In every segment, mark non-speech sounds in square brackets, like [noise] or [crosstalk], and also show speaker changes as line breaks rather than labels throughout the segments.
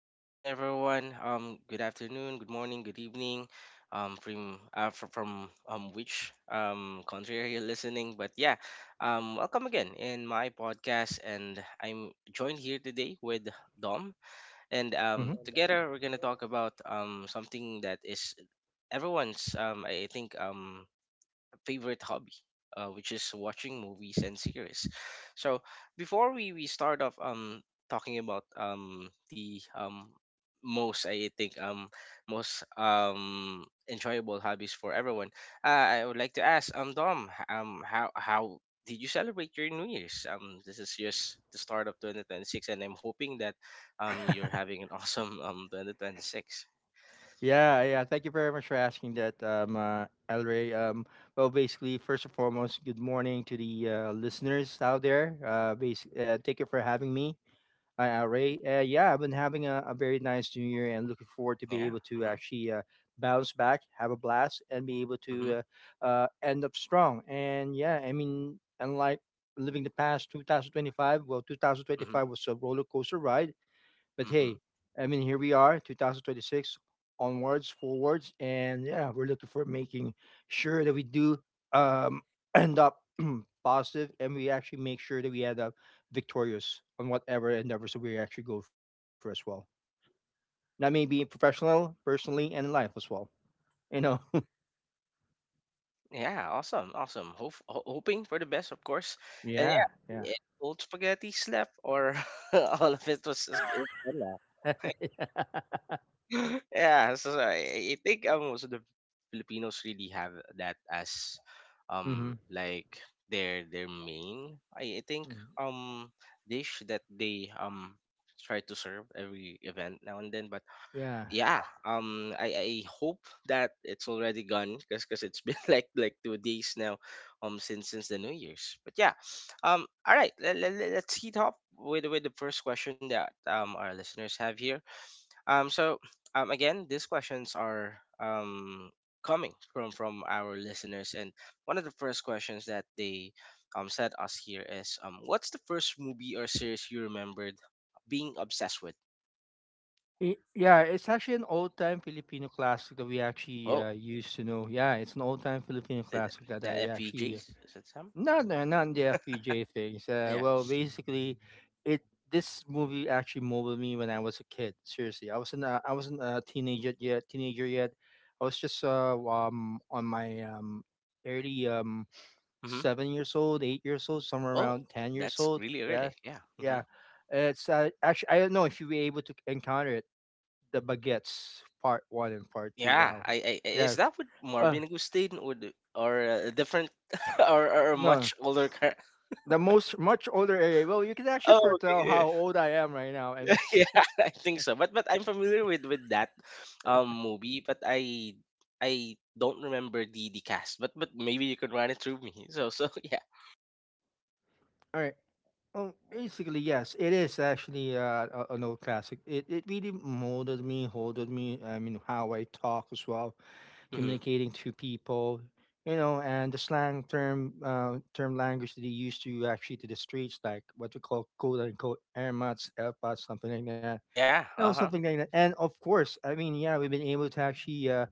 Hello again, everyone. Good afternoon, good morning, good evening. From which country are you listening? Welcome again in my podcast, and I'm joined here today with Dom, and
hmm
together we're gonna talk about something that is everyone's, I think, favorite hobby, which is watching movies and series. So before we start off talking about the most, I think, most enjoyable hobbies for everyone, I would like to ask Dom how did you celebrate your New Year's? This is just the start of 2026, and I'm hoping that you're having an [laughs] awesome 2026.
Yeah, yeah. Thank you very much for asking that, El Rey. Well, basically, first and foremost, good morning to the listeners out there. Thank you for having me, El Rey. Yeah, I've been having a very nice new year and looking forward to be
Yeah.
able to
Mm-hmm.
actually bounce back, have a blast, and be able
Mm-hmm.
to end up strong. And yeah, I mean, unlike living the past 2025. Well,
Mm-hmm.
2025 was a roller coaster ride. But
Mm-hmm.
hey, I mean, here we are, 2026, onwards, forwards, and yeah, we're looking for making sure that we do um, [clears throat] end up [clears throat] positive, and we actually make sure that we end up victorious on whatever endeavors that we actually go for as well. That may be professional, personally, and in life as well. You know. [laughs]
Yeah, awesome, awesome. Hoping for the best, of course. And
Yeah. Yeah.
old spaghetti slept, or [laughs] all of it was just good. Wala. [laughs] Yeah, so I think, most of the Filipinos really have that as
[laughs] hmm
like their main, I think, um dish that they try to serve every event now and then. But
Yeah.
yeah, I hope that it's already gone because it's been [laughs] like 2 days now since the new year's. But yeah All right, let's heat up with the first question that our listeners have here. um so Again, these questions are coming from our listeners, and one of the first questions that they sent us here is, what's the first movie or series you remembered being obsessed with?
Yeah, it's actually an old-time Filipino classic that we actually
Oh.
used to know. Yeah, it's an old-time Filipino
Is it
classic that
the
I actually
FPGAs? Is it some?
not not in the FPJ things.
Yeah.
Well, basically, it this movie actually molded me when I was a kid. Seriously, I wasn't a teenager yet. I was just on my early
Hmm.
7 years old, 8 years old, somewhere
Oh,
around 10 years
that's
old.
really
Yeah,
early. Yeah. Hmm.
yeah. It's actually I don't know if you'll be able to encounter it the baguettes part one and part two.
Yeah.
Wow.
Is
Yeah.
that with
Uh,
Marvin Agustin, or a different [laughs] or a
no,
much older car?
the most much older area. Well, you can actually
Oh, okay.
foretell
Yeah.
how old I am right now. And
[laughs] Yeah, I think so. But I'm familiar with that
[laughs]
movie, but I don't remember the cast. But maybe you could run it through me. [laughs] Yeah.
all right. Basically, yes, it is actually an old classic. It really molded me, holded me. I mean, how I talk as well,
Hmm.
communicating to people, you know, and the slang term, term language that they used to actually to the streets, like what we call quote unquote air mats, air pots, something like that,
Yeah.
you know,
Uh huh.
something like that. And of course, I mean, yeah, we've been able to actually uh,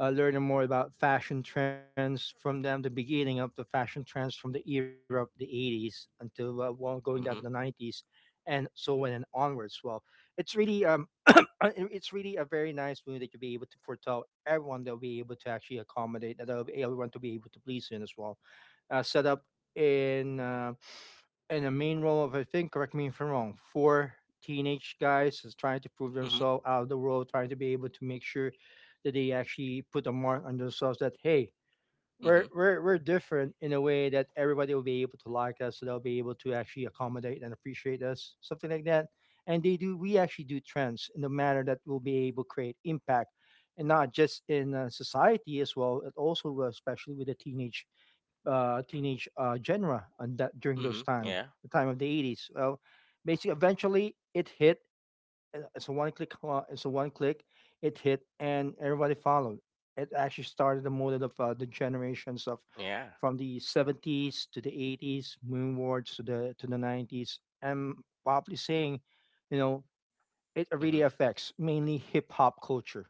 uh, learn more about fashion trends from them, the beginning of the fashion trends from the era of the 80s until, well, going
Yeah.
down to the
Hmm.
90s and so on and onwards. Well, it's really [coughs] [clears throat] uh, it's really a very nice movie that you'll be able to foretell everyone that'll be able to actually accommodate that'll be everyone to be able to please in as well. Set up in uh, in the main role of, I think, correct me if I'm wrong, four teenage guys is trying to prove
Hmm.
themselves out of the world, trying to be able to make sure that they actually put a mark on themselves that, hey,
Hmm.
we're different in a way that everybody will be able to like us, so they'll be able to actually accommodate and appreciate us, something like that. And they do, we actually do trends in a manner that will be able to create impact and not just in society as well, but also especially with the teenage genre on that during those
Hmm.
time,
Yeah.
the time of the 80s. Well, basically, eventually it hit. It's a one click. It hit, and everybody followed. It actually started the mode of the generations of
Yeah.
from the 70s to the 80s, moonwards to the nineties. And probably saying, you know, it
Hmm.
really affects mainly hip hop culture,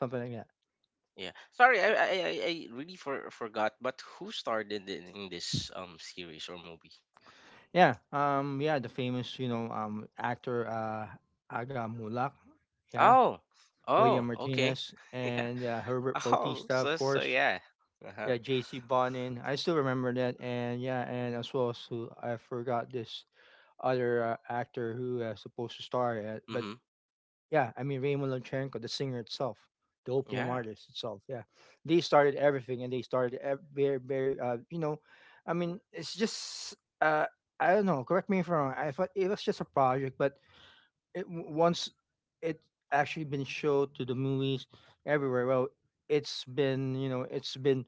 something like that.
Yeah. Sorry, I really forgot. But who starred in this series or movie?
Yeah, the famous, you know, actor, Aga Mulak, yeah,
Oh,
William
oh, okay.
Martinez,
[laughs] Yeah.
and Herbert Bautista, of course.
Yeah. Uh huh.
Yeah, JC Bonin. I still remember that. And yeah, and as well as who I forgot, this other actor who supposed to star at. But
Mhm.
yeah, I mean, Raymond Lomchenko, the singer itself, the opium
Yeah.
artist itself. Yeah. They started everything and they started very, very, you know, I mean, it's just, I don't know, correct me if I'm wrong. I thought it was just a project, but it once it actually been showed to the movies everywhere. Well, it's been, you know,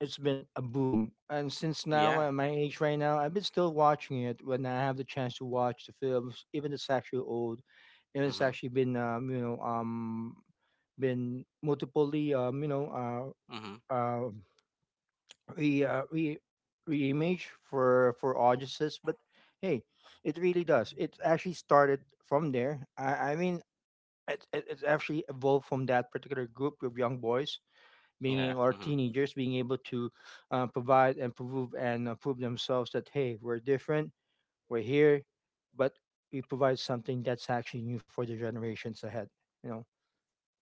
it's been a boom, and since now
Yeah.
at my age right now, I've been still watching it when I have the chance to watch the films, even it's actually old. Even it's
Mhm.
actually been, you know, been multiply, you know,
Mhm.
uh re re reimage for audiences. But hey, it really does, it actually started from there. I mean, it's actually evolved from that particular group of young boys being,
Yeah.
or
Mhm.
teenagers, being able to provide and prove, and prove themselves that, hey, we're different, we're here, but we provide something that's actually new for the generations ahead, you know,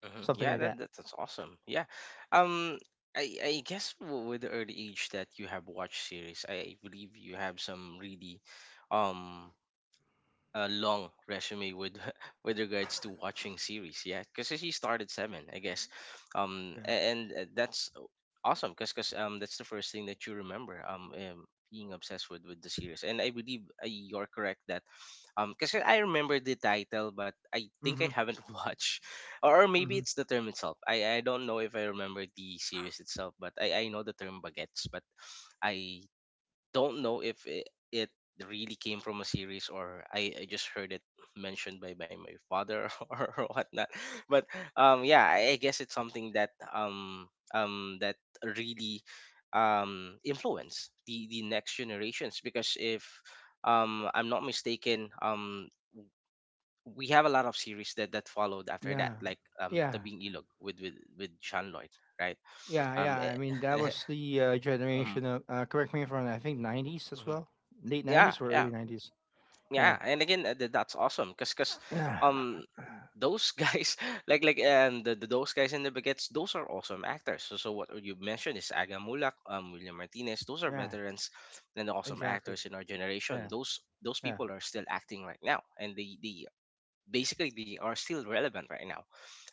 Mhm.
something like
Yeah.
that.
That's awesome. Yeah. Um. I guess with the early age that you have watched series, I believe you have some really, um, a long resume with [laughs] with regards to watching series, yeah, because he started seven, I guess,
Yeah.
and, that's awesome because that's the first thing that you remember, being obsessed with the series. And I believe, you're correct that, because I remember the title, but I think I
Mm-hmm.
haven't [laughs] watched, or maybe
Mm-hmm.
it's the term itself. I don't know if I remember the series itself, but I know the term baguettes. But I don't know if it really came from a series, or I just heard it mentioned by my father [laughs] or whatnot. But yeah, I guess it's something that um that really influence the next generations. Because if I'm not mistaken, we have a lot of series that, that followed after that,
Yeah,
like
yeah.
Tabing Ilog with Sean Lloyd, right?
Yeah
[laughs] Eh,
I mean that was the
mhm,
generation of correct me if I'm wrong, I think 90s as
mhm.
well. Late
Yeah,
90s or
yeah.
early 90s.
Yeah,
Yeah,
and again, that's awesome, because
yeah,
um those guys [laughs] like the those guys in the baguettes, those are awesome actors. What you mentioned is Aga Mulak, William Martinez, those are
yeah,
veterans and awesome
exactly.
actors in our generation.
Yeah,
Those
yeah.
people are still acting right now, and they basically they are still relevant right now.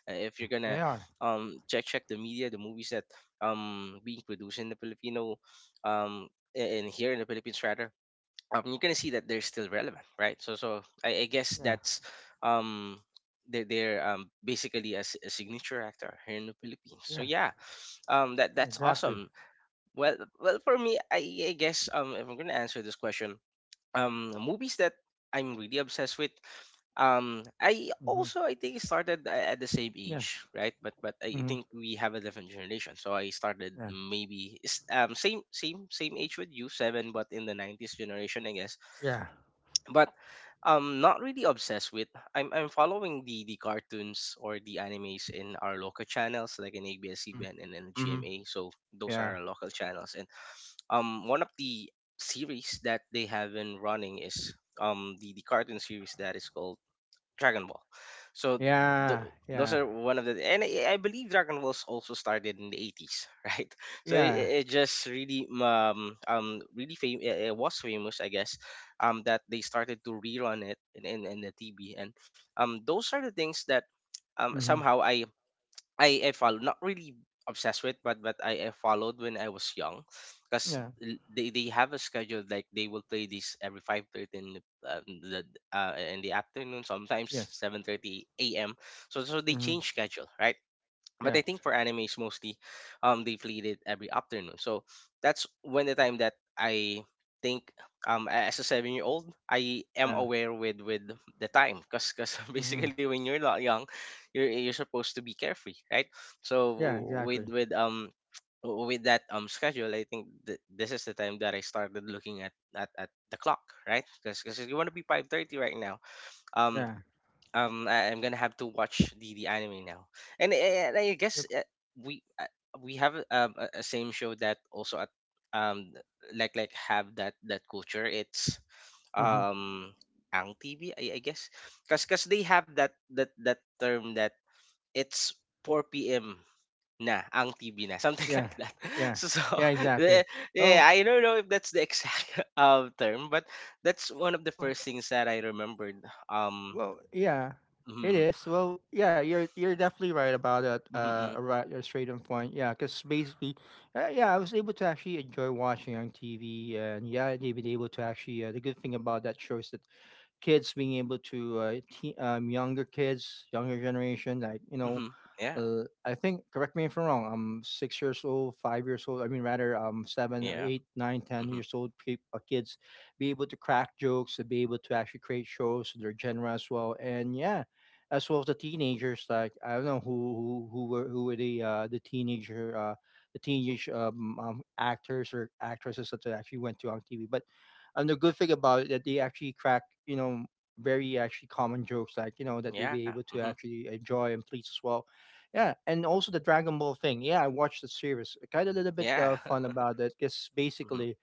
If
Yeah,
you're gonna
they are.
check the media, the movies that being produced in the Filipino um and here in the Philippines rather, you're gonna see that they're still relevant, right? So, so I guess
Yeah,
that's, um, they're basically a signature actor here in the Philippines. So
yeah,
yeah, that's
exactly.
awesome. Well, for me, I guess, if I'm gonna answer this question, movies that I'm really obsessed with, I
Mhm.
also, I think, started at the same
Yeah.
age, right? But I
Mhm.
think we have a different generation. So I started
Yeah.
maybe same age with you, seven, but in the '90s generation, I guess.
Yeah.
But I'm not really obsessed with. I'm following the cartoons or the animes in our local channels, like in
Mm.
ABS-CBN and in
Mhm.
GMA. So those are
Yeah.
our local channels. And one of the series that they have been running is the cartoon series that is called Dragon Ball. So th-
Yeah.
those
Yeah.
are one of the, and I believe Dragon Ball's also started in the 80s, [laughs] right? So it, it
Yeah.
it just really really fam- it was famous, I guess, that they started to rerun it in the TV. And those are the things that
Mhm.
somehow I follow, not really obsessed with, but I followed when I was young, because
Yeah.
they have a schedule, like they will play this every 5:30 in the, uh, in the in the afternoon. Sometimes
Yeah.
7:30 a.m., so so they
Mhm.
change schedule, right? But
Yeah.
I think for animes mostly, they played it every afternoon. So that's when the time that I think, as a 7 year old, I am
Yeah.
aware with the time. Because [laughs]
Mhm.
basically, when you're not young, you're supposed to be carefree, right? So
Yeah. Exactly.
with with um with that schedule, I think this is the time that I started looking at the clock, right? Because you
Yeah.
want to be 5:30 right now. um
Yeah.
I, I'm gonna have to watch the anime now. And I
Yep.
guess, we uh, we have, a same show that also at um have that culture. It's,
Mhm.
um ang tv, I guess, because they have that term that it's 4 p.m. na ang TV na, something [laughs]
Yeah.
like that.
Yeah.
So, so
Yeah.
[laughs]
Exactly.
the- yeah,
Oh.
I don't know if that's the exact [laughs] term, but that's one of the
Oh.
first things that I remembered.
Well, yeah, it
Mm-hmm.
is. Well, yeah, you're definitely right about that.
Mhm, mm,
Right, you're straight on point. Yeah, because basically, yeah, I was able to actually enjoy watching on TV, and yeah, they've been able to actually. The good thing about that show is that kids being able to younger kids, younger generation, like you know,
mhm. Yeah,
I think correct me if I'm wrong. I'm 6 years old, 5 years old. I mean, rather, seven or
yeah,
eight, nine, ten
mhm,
years old kids be able to crack jokes, to be able to actually create shows to their genre as well, and yeah, as well as the teenagers. Like, I don't know who were the teenager the teenage actors or actresses that actually went to on TV, but and the good thing about it that they actually crack, you know, very actually common jokes, like you know, that we
yeah,
be able to
mhm,
actually enjoy and please as well. Yeah, and also the Dragon Ball thing. Yeah, I watched the series. Kind of a little bit
yeah.
fun about it because
[laughs] Mhm,
basically,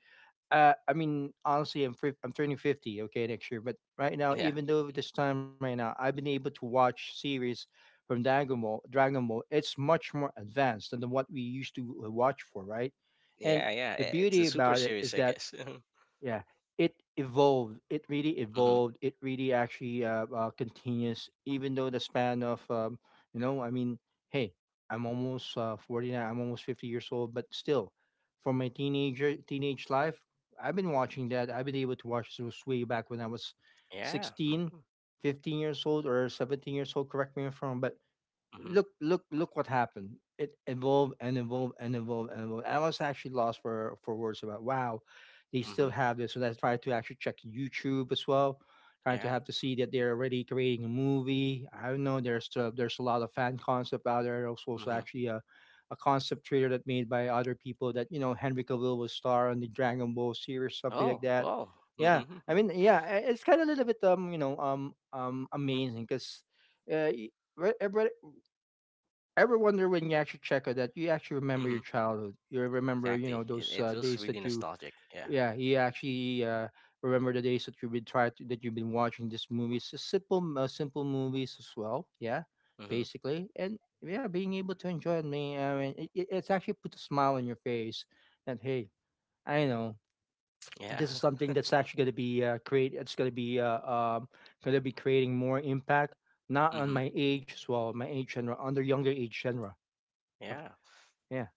I mean, honestly, I'm turning 50, okay, next year. But right now,
yeah,
even though this time right now, I've been able to watch series from Dragon Ball. Dragon Ball, it's much more advanced than the, what we used to watch for, right? And
yeah, yeah,
the
I it's a
beauty
super
about it is
series, I
that,
guess. [laughs]
yeah, it evolved. It really
Mhm,
evolved. It really actually continues, even though the span of, you know, I mean, hey, I'm almost 49, I'm almost 50 years old, but still, for my teenage life, I've been watching that. I've been able to watch those way back when I was
yeah,
16,
mhm,
15 years old, or 17 years old, correct me if I'm wrong, but
mhm,
look what happened. It evolved and evolved and evolved and evolved. I was actually lost for words about, wow, they still
mhm,
have this. So I tried to actually check YouTube as well, trying to
yeah,
have to see that they're already creating a movie. I don't know, there's still, there's a lot of fan concept out there. There's also
mhm.
actually a concept trailer that made by other people that, you know, Henry Cavill was star on the Dragon Ball series, something like
Oh,
that.
wow.
Yeah, I
Mhm,
mean, yeah, it's kind of a little bit, you know, amazing because uh, y- re- ever- ever wonder when you actually check on that, you actually remember your
mhm. [laughs]
childhood, you remember, you
Exactly.
know,
It
those
it feels
days
really
that you,
nostalgic. Yeah.
yeah, you actually remember the days that you've been trying to, that you've been watching these movies, just simple simple movies as well. Yeah,
Mhm,
basically, and yeah, being able to enjoy it. Me, I mean, it's actually put a smile on your face that, hey, I know
yeah.
this is something
[laughs]
that's actually going to be create it's going to be creating more impact, not on
Mhm,
my age as well, my age genre, under younger age genre. Uh,
yeah.
yeah.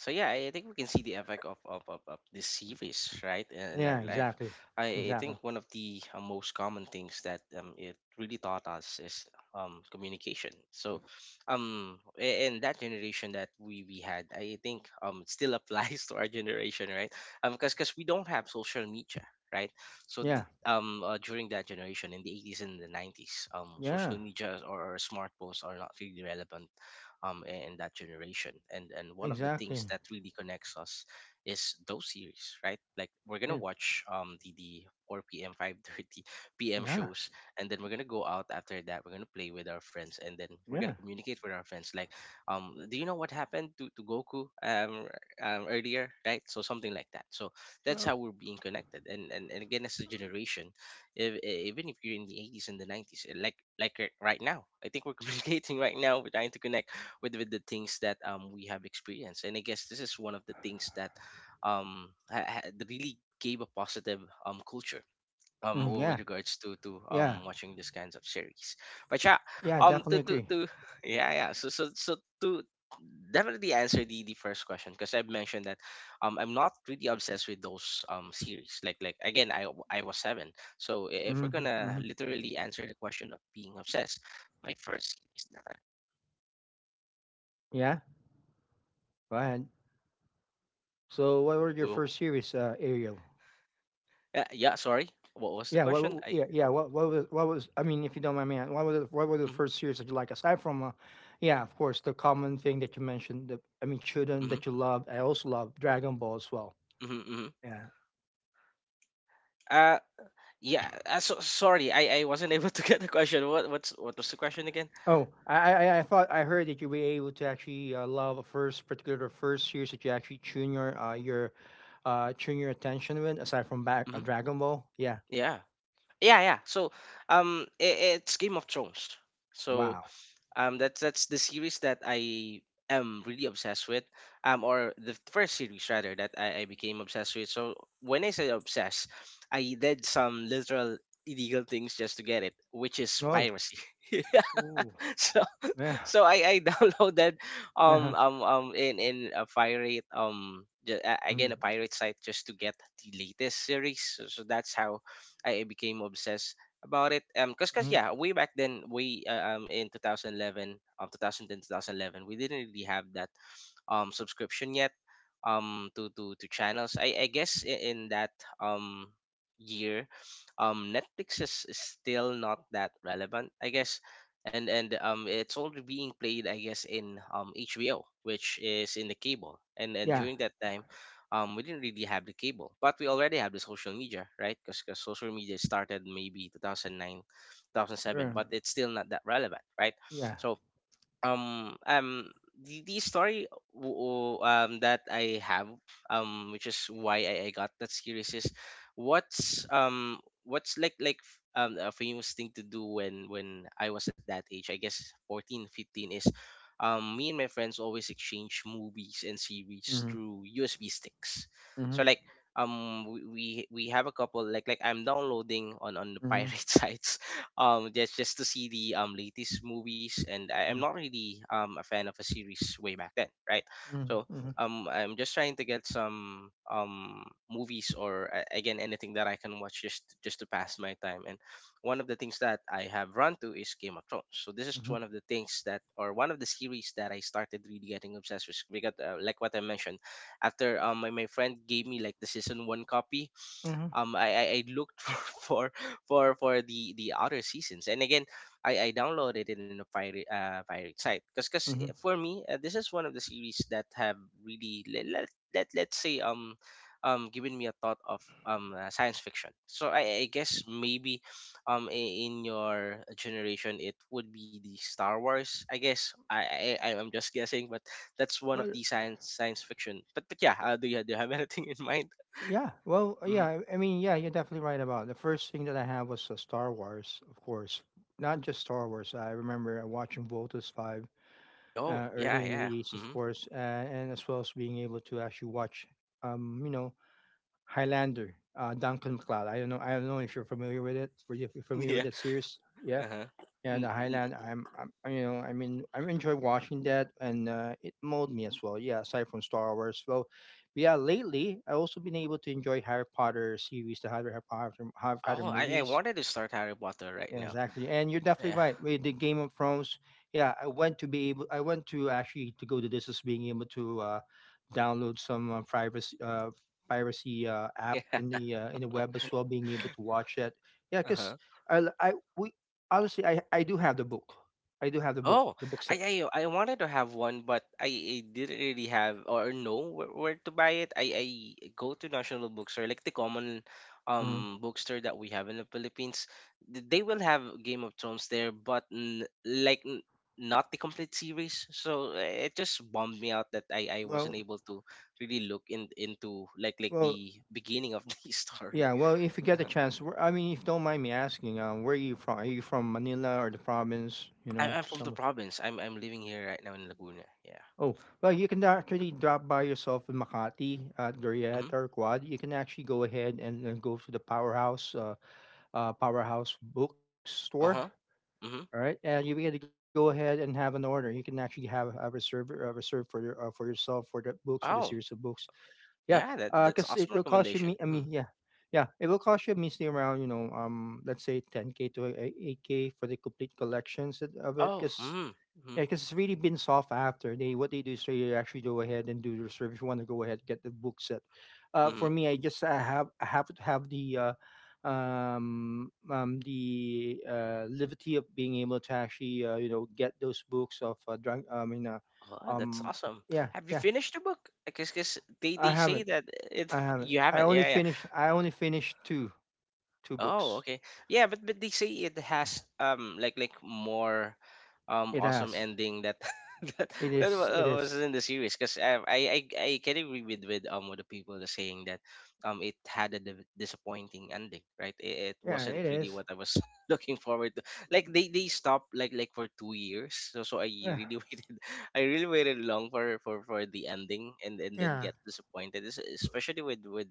So yeah, I think we can see the effect of this series, right, in our
Yeah,
life.
exactly.
I
Exactly.
think one of the most common things that it really taught us is communication. So, and that generation that we had, I think, it still [laughs] applies to our generation, right? Because we don't have social media, right? So
Yeah.
during that generation in the 80s and the 90s,
Yeah.
social media, or smartphones are not really relevant, in that generation. And one of the things
Exactly.
that really connects us is those series, right? Like we're gonna
Yeah.
watch the 4 p.m., 5:30 p.m. [laughs]
Yeah.
shows, and then we're gonna go out after that. We're gonna play with our friends, and then we're
Yeah.
gonna communicate with our friends. Like, do you know what happened to Goku earlier, right? So something like that. So that's
Uh,
how we're being connected. And again, as a generation, if, even if you're in the 80s and the 90s, right now, I think we're [laughs] communicating right now. We're trying to connect with the things that we have experienced. And I guess this is one of the things that really gave a positive culture with
yeah.
regards to
Yeah.
watching these kinds of series. But yeah,
Yeah. I definitely agree.
to [laughs] yeah, to definitely answer the first question, because I've mentioned that I'm not really obsessed with those series. Like again, I was seven. So if we're
Mm-hmm,
gonna
hmm
literally answer the question of being obsessed, my first series that
Yeah. Go ahead. So, what were your
wa-
first series, Ariel?
uh, yeah, sorry, what was the
Yeah.
question? I
Yeah. Yeah. What? What was? What was? I mean, if you don't mind me asking, what was? What were the
mhm,
first series that you like? Aside from, yeah, of course, the common thing that you mentioned. I mean, children
mhm,
that you loved. I also love Dragon Ball as well.
mhm, mhm.
Yeah.
Uh yeah, so, sorry. I wasn't [laughs] able to get the question. What was the question again?
Oh, I thought I heard that you were able to actually love the first series that you actually tune your tune your attention with aside from back
Hmm.
Dragon Ball. Yeah.
Yeah. Yeah, yeah. So I it's Game of Thrones. So
Wow.
um that's the series that I am really obsessed with, or the first series rather that I became obsessed with. So when I say obsessed, I did some literal illegal things just to get it, which is
Oh.
piracy. [laughs]
Ooh.
So. [laughs]
Yeah.
So I [laughs] downloaded um
Uh-huh.
um um in in a pirate ju- a- again
Mm.
a pirate site just to get the latest series. So that's how I became obsessed about it. Because
Hmm.
yeah, way back then, way in 2011, um 2010 2011, we didn't really have that subscription yet , to channels. I guess in that um, year, Netflix is still not that relevant, I guess. And It's already being played, I guess, in HBO, which is in the cable. And
Yeah.
During that time, we didn't really have the cable, but we already have the social media, right? Because social media started maybe 2009, 2007,
er,
but it's still not that relevant, right?
Yeah.
So um um the, story that I have, which is why I got that series, is what's um what's a famous thing to do when I was at that age, I guess 14, 15, is me and my friends always exchange movies and series
Mm-hmm.
through USB sticks.
Mm-hmm.
So like, we have a couple. I'm downloading on the pirate
Mm-hmm.
[laughs] sites, just to see the latest movies. And I'm not really a fan of a series way back then, right?
Mm-hmm.
So
Mm-hmm.
I'm just trying to get some movies or again anything that I can watch, just to pass my time. And one of the things that I have run to is Game of Thrones. So this is one of the things that, or one of the series that I started really getting obsessed with, because like what I mentioned, after my friend gave me like the season one copy,
Mm-hmm.
I looked [laughs] for the other seasons. And again I downloaded it in a pirate pirate site, because
Mm-hmm.
for me, this is one of the series that have really let's say given me a thought of science fiction. So I guess maybe in your generation it would be the Star Wars, I guess. I'm just guessing, but that's one of the science fiction. But yeah, do you have [laughs] anything in mind?
Yeah.
Mm-hmm.
You're definitely right about it. The first thing that I had was Star Wars, of course. Not just Star Wars. I remember watching Voltus Five
Yo,
early
yeah,
in the
yeah.
eighties, of
Hmm.
course, and as well as being able to actually watch, um, you know, Highlander, Duncan MacLeod. I don't know. I don't know if you're familiar with it. Were you
[laughs]
familiar with
Yeah.
that series?
Uh-huh.
Yeah, the
Mm,
Highland.
mm.
I'm, I enjoy watching that, and it molded me as well. Yeah, aside from Star Wars, well, yeah. Lately, I also been able to enjoy Harry Potter series, the Harry Potter
Oh, I
movies,
wanted to start Harry Potter right
yeah,
now.
exactly. And you're definitely
Yeah.
right. With the Game of Thrones, yeah, I went to actually to go to this as being able to download some privacy piracy
[laughs]
app
Yeah.
in the web as well, being able to watch it. Yeah, because
Uh-huh.
I, l- I we obviously I do have the book. I do have the book
Oh,
the book set.
I wanted to have one, but I didn't really have or know where to buy it. I go to National Bookstore, like the common
Hmm.
bookstore that we have in the Philippines. They will have Game of Thrones there, but n like n not the complete series. So eh, it just bummed me out that I wasn't
Well,
able to really look in into like
well,
the beginning of [laughs] the story.
yeah. Well, if you get a
Uh-huh.
chance, I mean, if you don't mind me asking, where are you from? Are you from Manila or the province? You know,
I'm from the
some.
province. I'm living here right now in Laguna. Yeah.
Oh, well, you can actually drop by yourself in Makati at
Mm-hmm.
Glorieta or Quad. You can actually go ahead and go to the Powerhouse, Powerhouse Bookstore.
Uh-huh. Mm-hmm.
All right, and you get to go ahead and have an order. You can actually have a reserve for your, for yourself for the books for the
Oh.
series of books. Yeah,
Yeah, that's
because it
awesome
will cost you me.
recommendation.
I
Mhm.
mean, yeah, yeah, it will cost you measly around you know let's say 10K to 8K for the complete collections of it.
Oh,
Because
mm, hmm.
yeah, because it's really been soft after. They what they do is they actually go ahead and do the reserve you want to go ahead get the book set.
Hmm.
For me, I have to have the liberty of being able to actually you know get those books of
Wow, that's
um,
awesome.
yeah,
Have you
yeah.
finished the book? Because
I
they say
haven't.
that it
I
[laughs]
haven't.
you
I
haven't.
only
Yeah, yeah.
finished. I only finished two
Oh,
books.
okay. Yeah, but they say it has more
It
awesome
has.
ending that [laughs] that
It is. It
was
is.
in the series, because I can agree with what the people are saying, that it had a disappointing ending, right? It
Yeah.
wasn't
It
really
is.
what I was [laughs] looking forward to. Like they stopped like for 2 years. So so I
Yeah.
really [laughs] waited. I really waited long for the ending, and then
Yeah.
get disappointed, especially with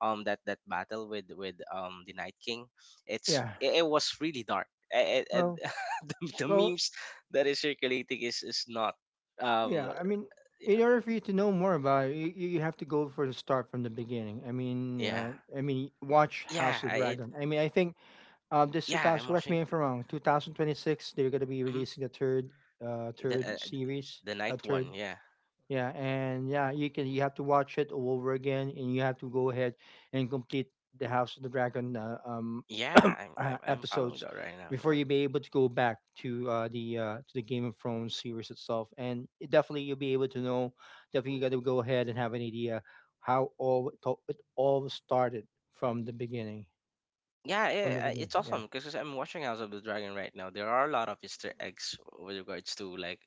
that battle with the Night King.
Yeah.
It was really dark. And,
Well.
[laughs] the
Well,
memes that is circulating is not
Yeah,
um
I mean, in
yeah
order for you to know more about it, you have to go for the start from the beginning. I mean,
yeah
uh, I mean, watch
yeah,
House of the
I- it
Dragon. I mean, I think this
yeah
2000.
I'm
Correct me
watching
if I'm wrong. 2026, they're gonna be
mhm.
releasing a third,
the
third
uh,
series,
the
a
night
third
one, yeah.
Yeah, and yeah, you can you have to watch it all over again, and you have to go ahead and complete the House of the Dragon
Yeah
[clears throat]
I'm following
episodes
that right now,
before
yeah.
you be able to go back to the to the Game of Thrones series itself. And it definitely you'll be able to know. Definitely, you got to go ahead and have an idea how all started from the beginning.
Yeah,
From the
yeah,
beginning,
it's awesome
yeah.
because I'm watching House of the Dragon right now. There are a lot of Easter eggs with regards to like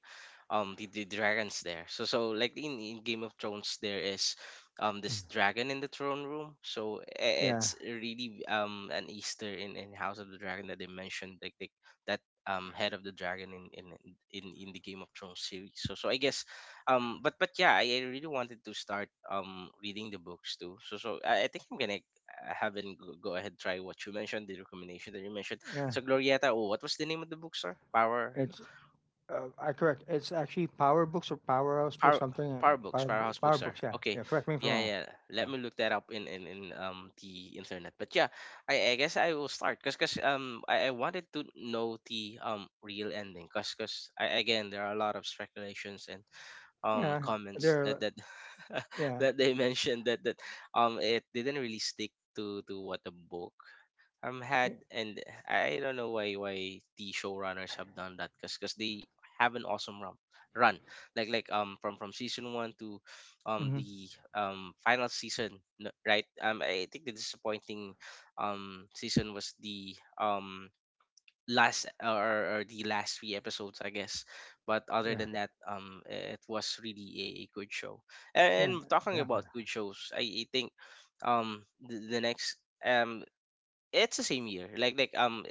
the dragons there. So so like in Game of Thrones there is
Mm.
this dragon in the throne room. So
Yeah,
it's really an Easter in House of the Dragon that they mentioned, like that head of the dragon in the Game of Thrones series. So so I guess but yeah, I really wanted to start reading the books too. So so I think I'm gonna I haven't go, go ahead try what you mentioned, the recommendation that you mentioned.
yeah.
So Glorieta, oh, what was the name of the bookstore?
It's I correct. It's actually Power Books or Powerhouse Books,
Power
something.
Power Books, Powerhouse
Power
Bookstore.
Books. Yeah,
Okay.
yeah. Correct me if I'm
Yeah,
wrong.
yeah. Let
Yeah,
me look that up in the internet. But yeah, I guess I will start because I wanted to know the real ending, because cause 'cause I again there are a lot of speculations and
yeah.
comments
They're
that [laughs]
yeah,
that they mentioned that it didn't really stick to what the book
yeah,
had. And I don't know why the showrunners have done that, because they have an awesome run like from season one to
mm-hmm,
the final season, right? I think the disappointing season was the last, or the last three episodes I guess. But other
yeah,
than that, it was really a good show. And
yeah.
talking
Exactly.
about good shows, I think the next um it's the same year, like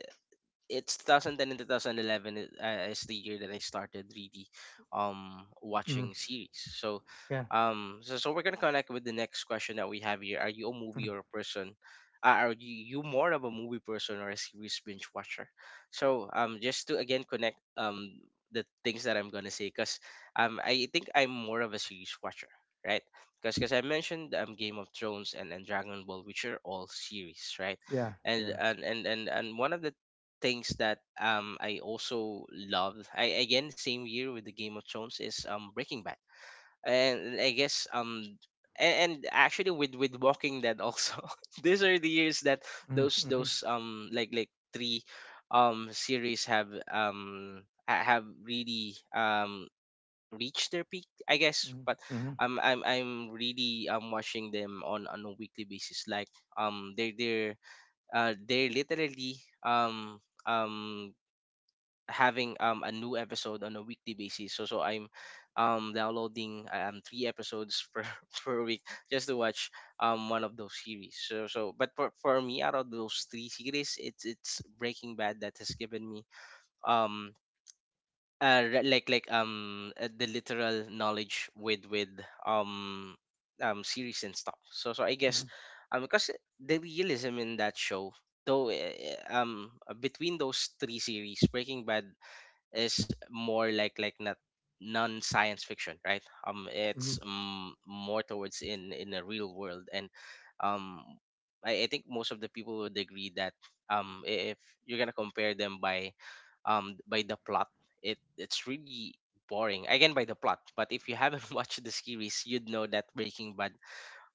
it's 2010 and 2011 is the year that I started really
Mm-hmm,
watching series. So
yeah,
so, so we're gonna connect with the next question that we have here. Are you a
mm,
movie or a person? Are you, you more of a movie person or a series binge watcher? So just to again connect the things that I'm gonna say, because I think I'm more of a series watcher. Right, because I mentioned Game of Thrones and Dragon Ball, which are all series, right?
yeah, yeah.
And one of the things that I also love, I again same year with the Game of Thrones, is Breaking Bad. And I guess and actually with Walking Dead also. [laughs] These are the years that
Mm-hmm, mm-hmm,
those three series have have really reached their peak I guess.
mm-hmm,
But
mm-hmm,
I'm really watching them on a weekly basis, like they're they're literally um um having a new episode on a weekly basis. So so I'm downloading three episodes per [laughs] per week, just to watch one of those series. So so but for me, out of those three series, it's Breaking Bad that has given me um the literal knowledge with um series and stuff. So so I guess,
mm-hmm,
because the realism in that show, though eh, eh, um between those three series, Breaking Bad is more like not non science fiction, right? It's
mm-hmm,
more towards in the real world. And um, I think most of the people would agree that if you're gonna compare them by the plot, it's really boring again by the plot. But if you haven't [laughs] watched the series, you'd know that Breaking Bad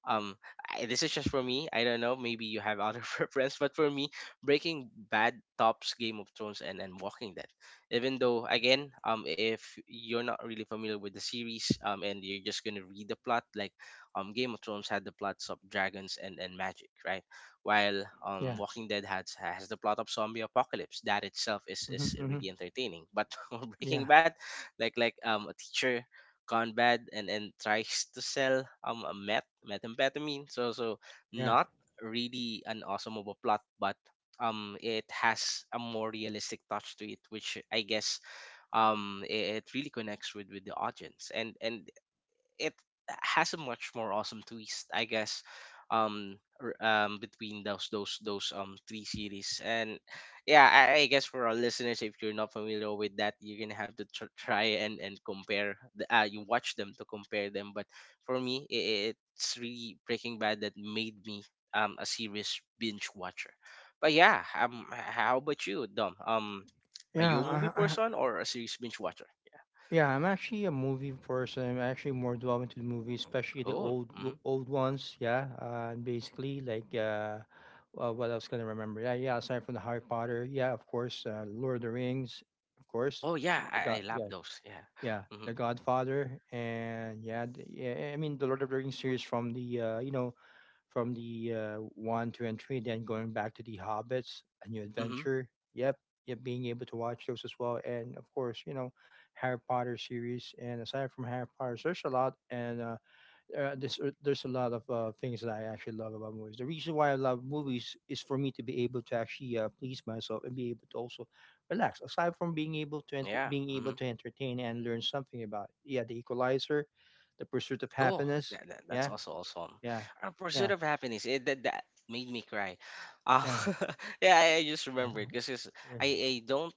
um this is just for me, I don't know, maybe you have other [laughs] preference, but for me Breaking Bad tops Game of Thrones and Walking Dead. Even though again, if you're not really familiar with the series, and you're just gonna read the plot, like Game of Thrones had the plots of dragons and magic, right? While
yeah,
Walking Dead has the plot of zombie apocalypse. That itself
mm-hmm,
is
mm-hmm,
really entertaining. But [laughs] for
yeah,
Breaking Bad, like a teacher Conrad and tries to sell a methamphetamine. So
yeah,
not really an awesome of a plot, but it has a more realistic touch to it, which I guess it really connects with the audience. And it has a much more awesome twist, I guess. Um, Between those three series, and yeah, I guess for our listeners, if you're not familiar with that, you're gonna have to try and compare. You watch them to compare them, but for me, it's really Breaking Bad that made me a serious binge watcher. But yeah, how about you, Dom? Are you a movie
yeah. I
person or a series binge watcher?
Yeah, I'm actually a movie person. I'm actually more drawn into the movies, especially
Yeah.
the
Oh.
old ones. Yeah, and basically what else can I remember? Yeah, yeah. Aside from the Harry Potter, yeah, of course, Lord of the Rings, of course,
Oh yeah,
the
I,
God,
I love
yeah,
those. Yeah.
yeah,
Hmm.
The Godfather, and yeah, yeah. I mean, the Lord of the Rings series from the you know from the one, two, and three, then going back to the Hobbits, A New
Hmm.
Adventure. Yep, yep, being able to watch those as well, and of course, you know, Harry Potter series. And aside from Harry Potter, there's a lot, and there's a lot of things that I actually love about movies. The reason why I love movies is for me to be able to actually please myself and be able to also relax. Aside from being able to
Yeah.
being
Hmm.
able to entertain and learn something about it. Yeah, The Equalizer, The Pursuit of
Oh,
Happiness.
that's
Yeah,
also awesome.
yeah,
Pursuit
yeah.
of Happiness. That made me cry. Uh,
Yeah,
[laughs] yeah, I just
yeah,
remembered because I
yeah,
don't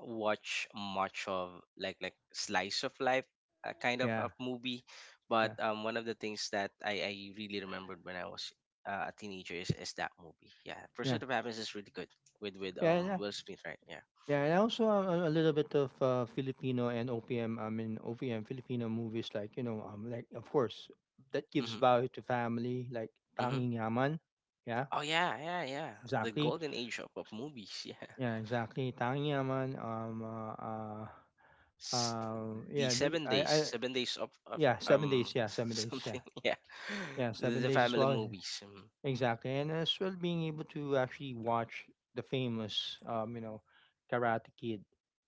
watch much of like slice of life kind of
yeah,
of movie, but
yeah,
one of the things that I really remembered when I was a teenager is that movie. Yeah,
yeah,
Pursuit of Happiness is really good with
yeah, and,
Will Smith, right? Yeah.
yeah, and also a little bit of Filipino and OPM. I mean OPM Filipino movies, like of course that gives
Mm-hmm.
value to family, like
Mm-hmm.
Tanging Yaman. Yeah,
Oh yeah, yeah, yeah. The
exactly.
golden age of movies, [laughs] yeah.
Yeah, exactly. Tanging Yaman.
S-
Um,
the
yeah, the
seven
I,
days,
I,
7 days of, of
yeah, 7 days.
um
Yeah,
[laughs]
7 days. Yeah,
something, yeah.
yeah,
The,
seven
the
days as
family
well.
movies.
Exactly, and as well being able to actually watch the famous, Karate Kid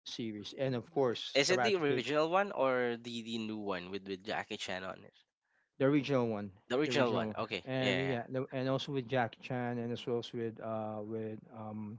series, and of course
Is it
Karate
the
Kid,
original one or the new one with Jackie Chan on it?
the original one,
The
the
original
original one,
one. Okay, yeah,
and
yeah, yeah.
yeah, and also with Jackie Chan, and as well as with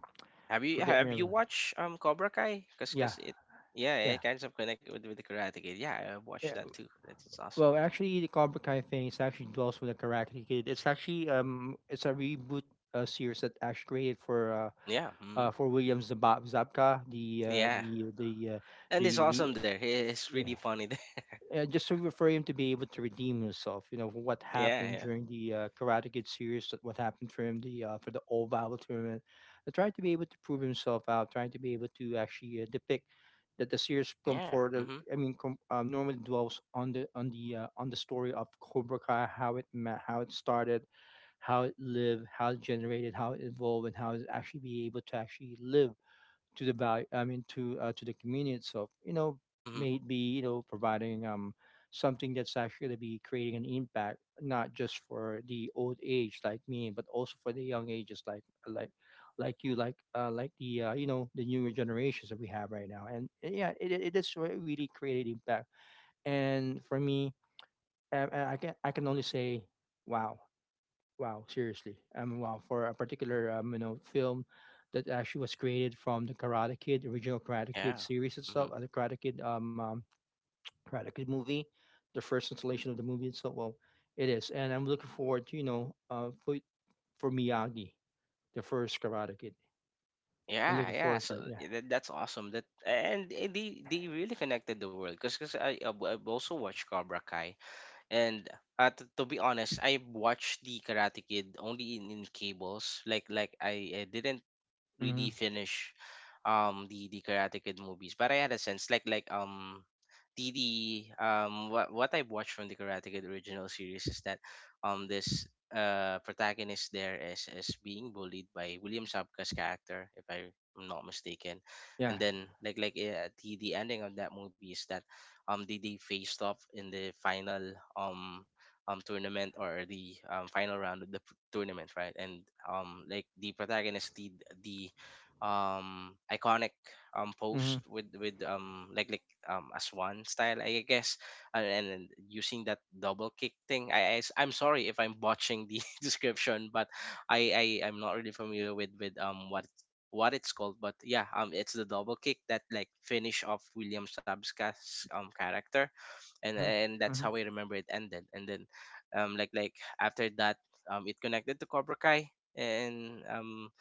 forget me,
Have you watched Cobra Kai? Cause
yeah,
cause it yeah
yeah,
it kinds of connect with the Karate Kid. Yeah, I
yeah.
watched that too. That's it's
Well,
awesome.
actually, the Cobra Kai thing is actually dwells with the Karate Kid. It's actually it's a reboot series that actually created
Yeah, mm,
for Williams Zabka, the uh,
yeah.
the the uh,
And it's
the
awesome there. It's
yeah.
really funny there. [laughs]
Just to refer him to be able to redeem himself, you know what
Yeah,
happened
yeah,
during the Karate Kid series, that what happened for him the for the Oval tournament. Trying to be able to prove himself out, trying to be able to actually depict that the series
yeah.
comfort.
Mhm.
Normally dwells on the on the on the story of Cobra Kai, how it how it started, how it lived, how it generated, how it evolved, and how it actually be able to actually live to the value I mean to the community itself you know
Hmm.
maybe you know providing something that's actually going to be creating an impact not just for the old age like me but also for the young ages like you like the you know the newer generations that we have right now and yeah it is really created impact and for me I can only say wow. Wow, seriously. Wow, for a particular you know film that actually was created from the Karate Kid
Yeah.
series
Hmm.
itself, the Karate Kid Karate Kid movie, the first installation of the movie itself. Well, it is, and I'm looking forward to you know for Miyagi, the first Karate Kid. I'm
Yeah,
looking
yeah.
forward for
So
it. Yeah.
yeah, that's awesome. They really connected the world because I've also watched Cobra Kai and to be honest, I watched the Karate Kid only in cables. I didn't really
Mm-hmm.
finish the Karate Kid movies, but I had a sense like the what I've watched from the Karate Kid original series is that this uh, protagonist there is being bullied by William Zabka's character if I'm not mistaken, and
Yeah.
then the ending of that movie is that they faced off in the final tournament or the final round of the tournament, right? And like the protagonist, the the iconic post
Mm-hmm.
with as one style, I guess. And then using that double kick thing. I am sorry if I'm botching the [laughs] description, but I'm not really familiar with what it's called, but yeah, it's the double kick that like finish off William Sabska's character, and
Mm-hmm.
that's how I
Mm-hmm.
remember it ended. And then after that it connected to Cobra Kai, and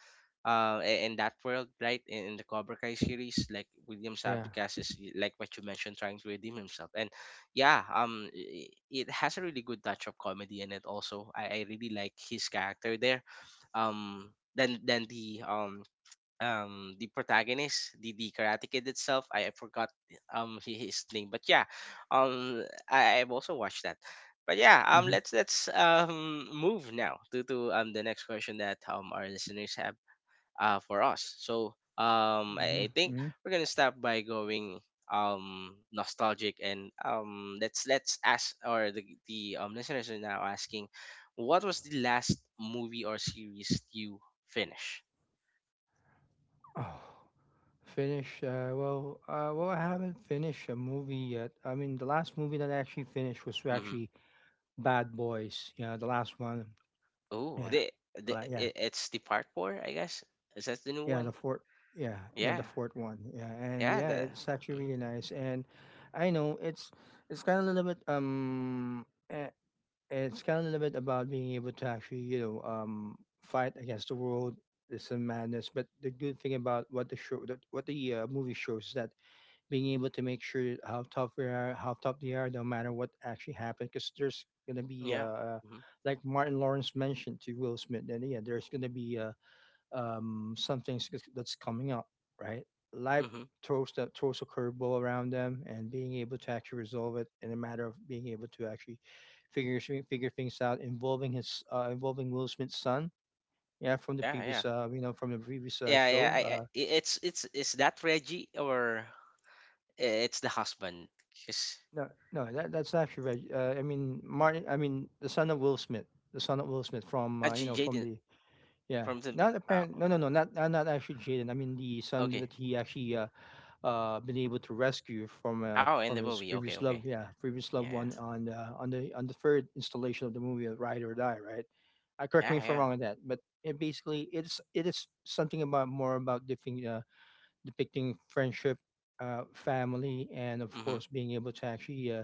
in that world, right? In the Cobra Kai series, like William
Yeah.
Sabicas is like what you mentioned, trying to redeem himself, and yeah, it has a really good touch of comedy in it. Also, I really like his character there. Than the protagonist, the Karate Kid itself. I forgot his name, but yeah, I've also watched that. But yeah,
Mm-hmm.
let's move now to the next question that our listeners have for us. So
Mm-hmm.
I
Mm-hmm.
think we're gonna start by going nostalgic, and let's ask, or the listeners are now asking, what was the last movie or series you finished?
Oh. Finish. Well, I haven't finished a movie yet. I mean, the last movie that I actually finished was
Mm-hmm.
actually Bad Boys. Yeah, the last one.
Oh,
Yeah,
the
like yeah,
it's the part four, I guess. Is that the new
yeah, the
one?
fourth. Yeah, yeah,
Yeah,
the fourth one. Yeah, and
yeah,
yeah, it's actually
mhm,
really nice. And I know it's kind of a little bit about being able to actually you know fight against the world. There's some madness, but the good thing about what the show, that what the movie shows is that being able to make sure how tough we are, how tough they are, no matter what actually happened. Because there's gonna be
yeah, hmm,
like Martin Lawrence mentioned to Will Smith, and yeah, there's gonna be some things that's coming up, right? Life
hmm,
throws that throws a curveball around them, and being able to actually resolve it in a matter of being able to actually figure things out involving his involving Will Smith's son. Yeah, from the
yeah, yeah,
previous, from the previous
yeah, yeah.
show,
It's is that Reggie or it's the husband?
no, no, that that's actually right. I mean, Martin. I mean, the son of Will Smith, the son of Will Smith from you know from
Jaden
the yeah,
from the.
not
Oh,
apparent. No, not actually Jaden. I mean, the son
okay.
that he actually been able to rescue
Oh, in
from
the
his
movie. Okay,
previous
okay.
love, yeah, previous loved
Yeah,
one on the third installation of the movie of Ride or Die, right? I correct me
yeah,
if I'm
yeah.
wrong on that, but it basically it is something about more about different depicting friendship, family, and of
Mhm.
course being able to actually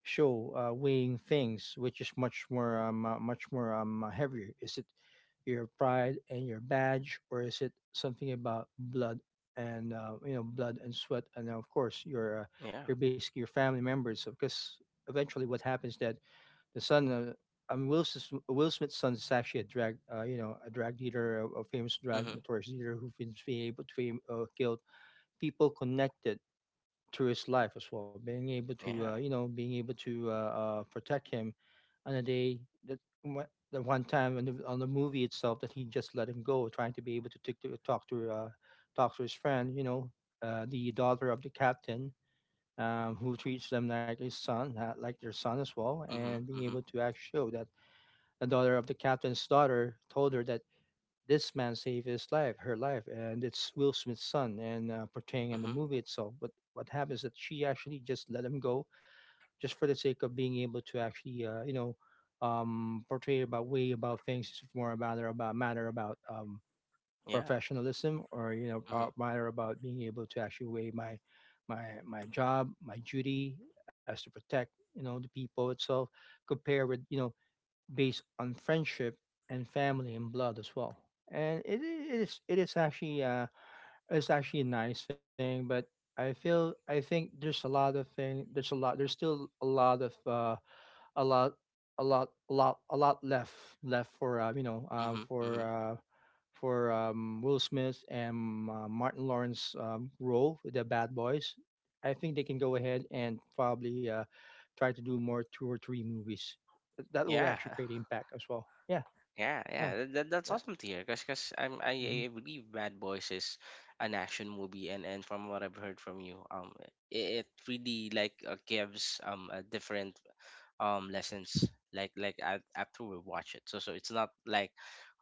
show weighing things, which is much more much more heavier. Is it your pride and your badge, or is it something about blood and you know blood and sweat, and of course
Yeah.
your basically your family members? Because eventually, what happens that the son. I mean, Will Smith's son is actually a drag, a drag dealer, a famous drag
Mhm.
notorious dealer who has been able to fame, killed people connected through his life as well, being able to
Yeah.
being able to protect him on a day that the one time on on the movie itself that he just let him go, trying to be able to, tick to talk to talk to his friend, you know, the daughter of the captain. Who treats them like his son, like their son as well, and
Mhm.
being
Mhm.
able to act show that the daughter of the captain's daughter told her that this man saved his life, her life, and it's Will Smith's son, and portraying in the
Mhm.
movie itself. But what happens is that she actually just let him go, just for the sake of being able to actually, portray about way about things. It's more about matter about
Yeah.
professionalism, or you know,
Mhm.
matter about being able to actually weigh my job, my duty as to protect you know the people itself, compare with you know based on friendship and family and blood as well. And it I- it is actually it's actually a nice thing, but I think there's a lot there's still a lot of a lot a lot a lot a lot left left for
Mhm. Mhm.
Will Smith and Martin Lawrence role with the Bad Boys. I think they can go ahead and probably try to do more two or three movies. That will
Yeah.
actually
[laughs]
create impact as well. Yeah,
Yeah,
yeah,
yeah, that- that's
that,
awesome to hear. Cause,
hmm,
I believe Bad Boys is an action movie, and from what I've heard from you, it really like gives a different lessons after we watch it, so so it's not like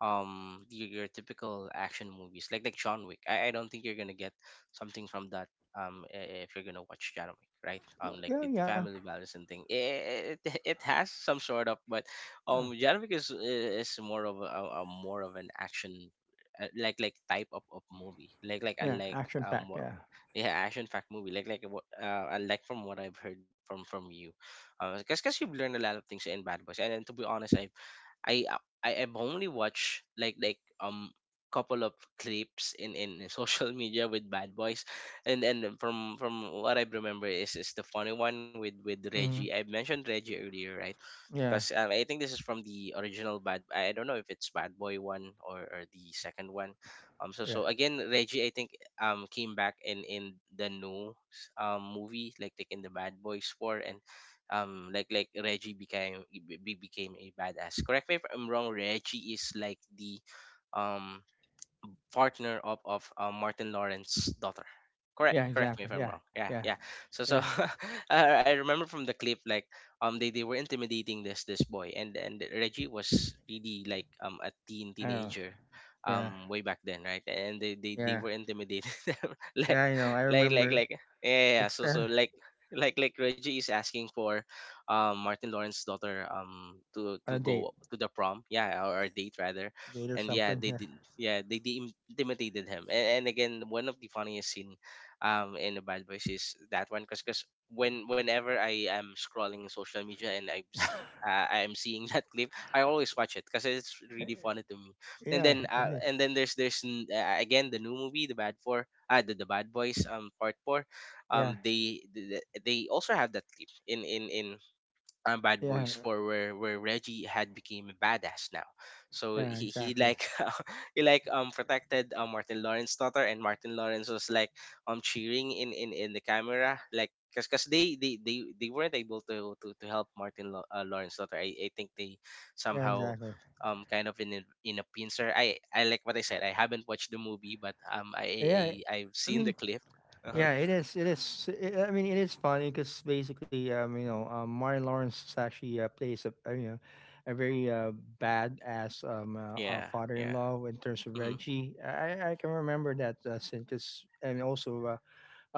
your typical action movies John Wick. I don't think you're gonna get something from that if you're gonna watch John Wick, right? Like
yeah,
the
yeah,
family balance and thing, it has some sort of, but
yeah,
John Wick is more of a, more of an action type of movie,
yeah.
unlike
Action
um
packed. Yeah,
yeah action fact movie what uh, and like from what I've heard from you, uh, because you've learned a lot of things in Bad Boys, and to be honest, i uh, I- I've only watched couple of clips in [laughs] social media with Bad Boys, and from what I remember is the funny one with
hmm,
Reggie. I mentioned Reggie earlier, right?
yeah,
Because I think this is from the original Bad. I don't know if it's Bad Boy one or the second one. So
yeah,
so again, Reggie, I think came back in the new movie, in the Bad Boys four, and Reggie became became a badass. Correct me if I'm wrong. Reggie is like the um partner of Martin Lawrence's daughter.
yeah.
Correct me if
Exactly.
I'm
Yeah,
wrong. Yeah,
yeah,
yeah. So
yeah.
so [laughs] I remember from the clip like they were intimidating this boy, and Reggie was really like a
Oh,
teenager
yeah,
way back then, right? And they
yeah.
were intimidating [laughs] them like,
Yeah, I know. I
like like
remember.
like yeah, yeah, yeah.
It's
So so
there
like, Reggie is asking for Martin Lawrence's daughter to
on
go to the prom, yeah, or date rather.
a date or
And yeah,
something.
they
Yeah.
did. Yeah, they intimidated him, and again one of the funniest scene in the Bad Boys is that one, because whenever I am scrolling social media and I see I am seeing [laughs] that clip. I always watch it because it's really funny to me.
[laughs] Yeah. It is.
And then there's again the new movie, the Bad Four, the Bad Boys, Part Four.
Yeah.
Um, they they, they also have that clip in Bad
Yeah.
Boys Four, where Reggie had became a badass now. So
Yeah.
he
Exactly.
like [laughs] he like protected Martin Lawrence's daughter, and Martin Lawrence was like cheering in the camera, like because cause they weren't able to help Martin Lawrence's daughter. I think they
Yeah.
somehow.
Exactly.
Kind of in a pincer. I like what I said. I haven't watched the movie, but
Yeah.
I've
I
seen the
mean.
clip. [laughs] Uh-huh.
Yeah. It is. It is. I mean, it is funny because basically, Martin Lawrence is actually plays a, you know, a very badass
Yeah, yeah.
father-in-law in terms of
Mhm.
Reggie. I can remember that since and also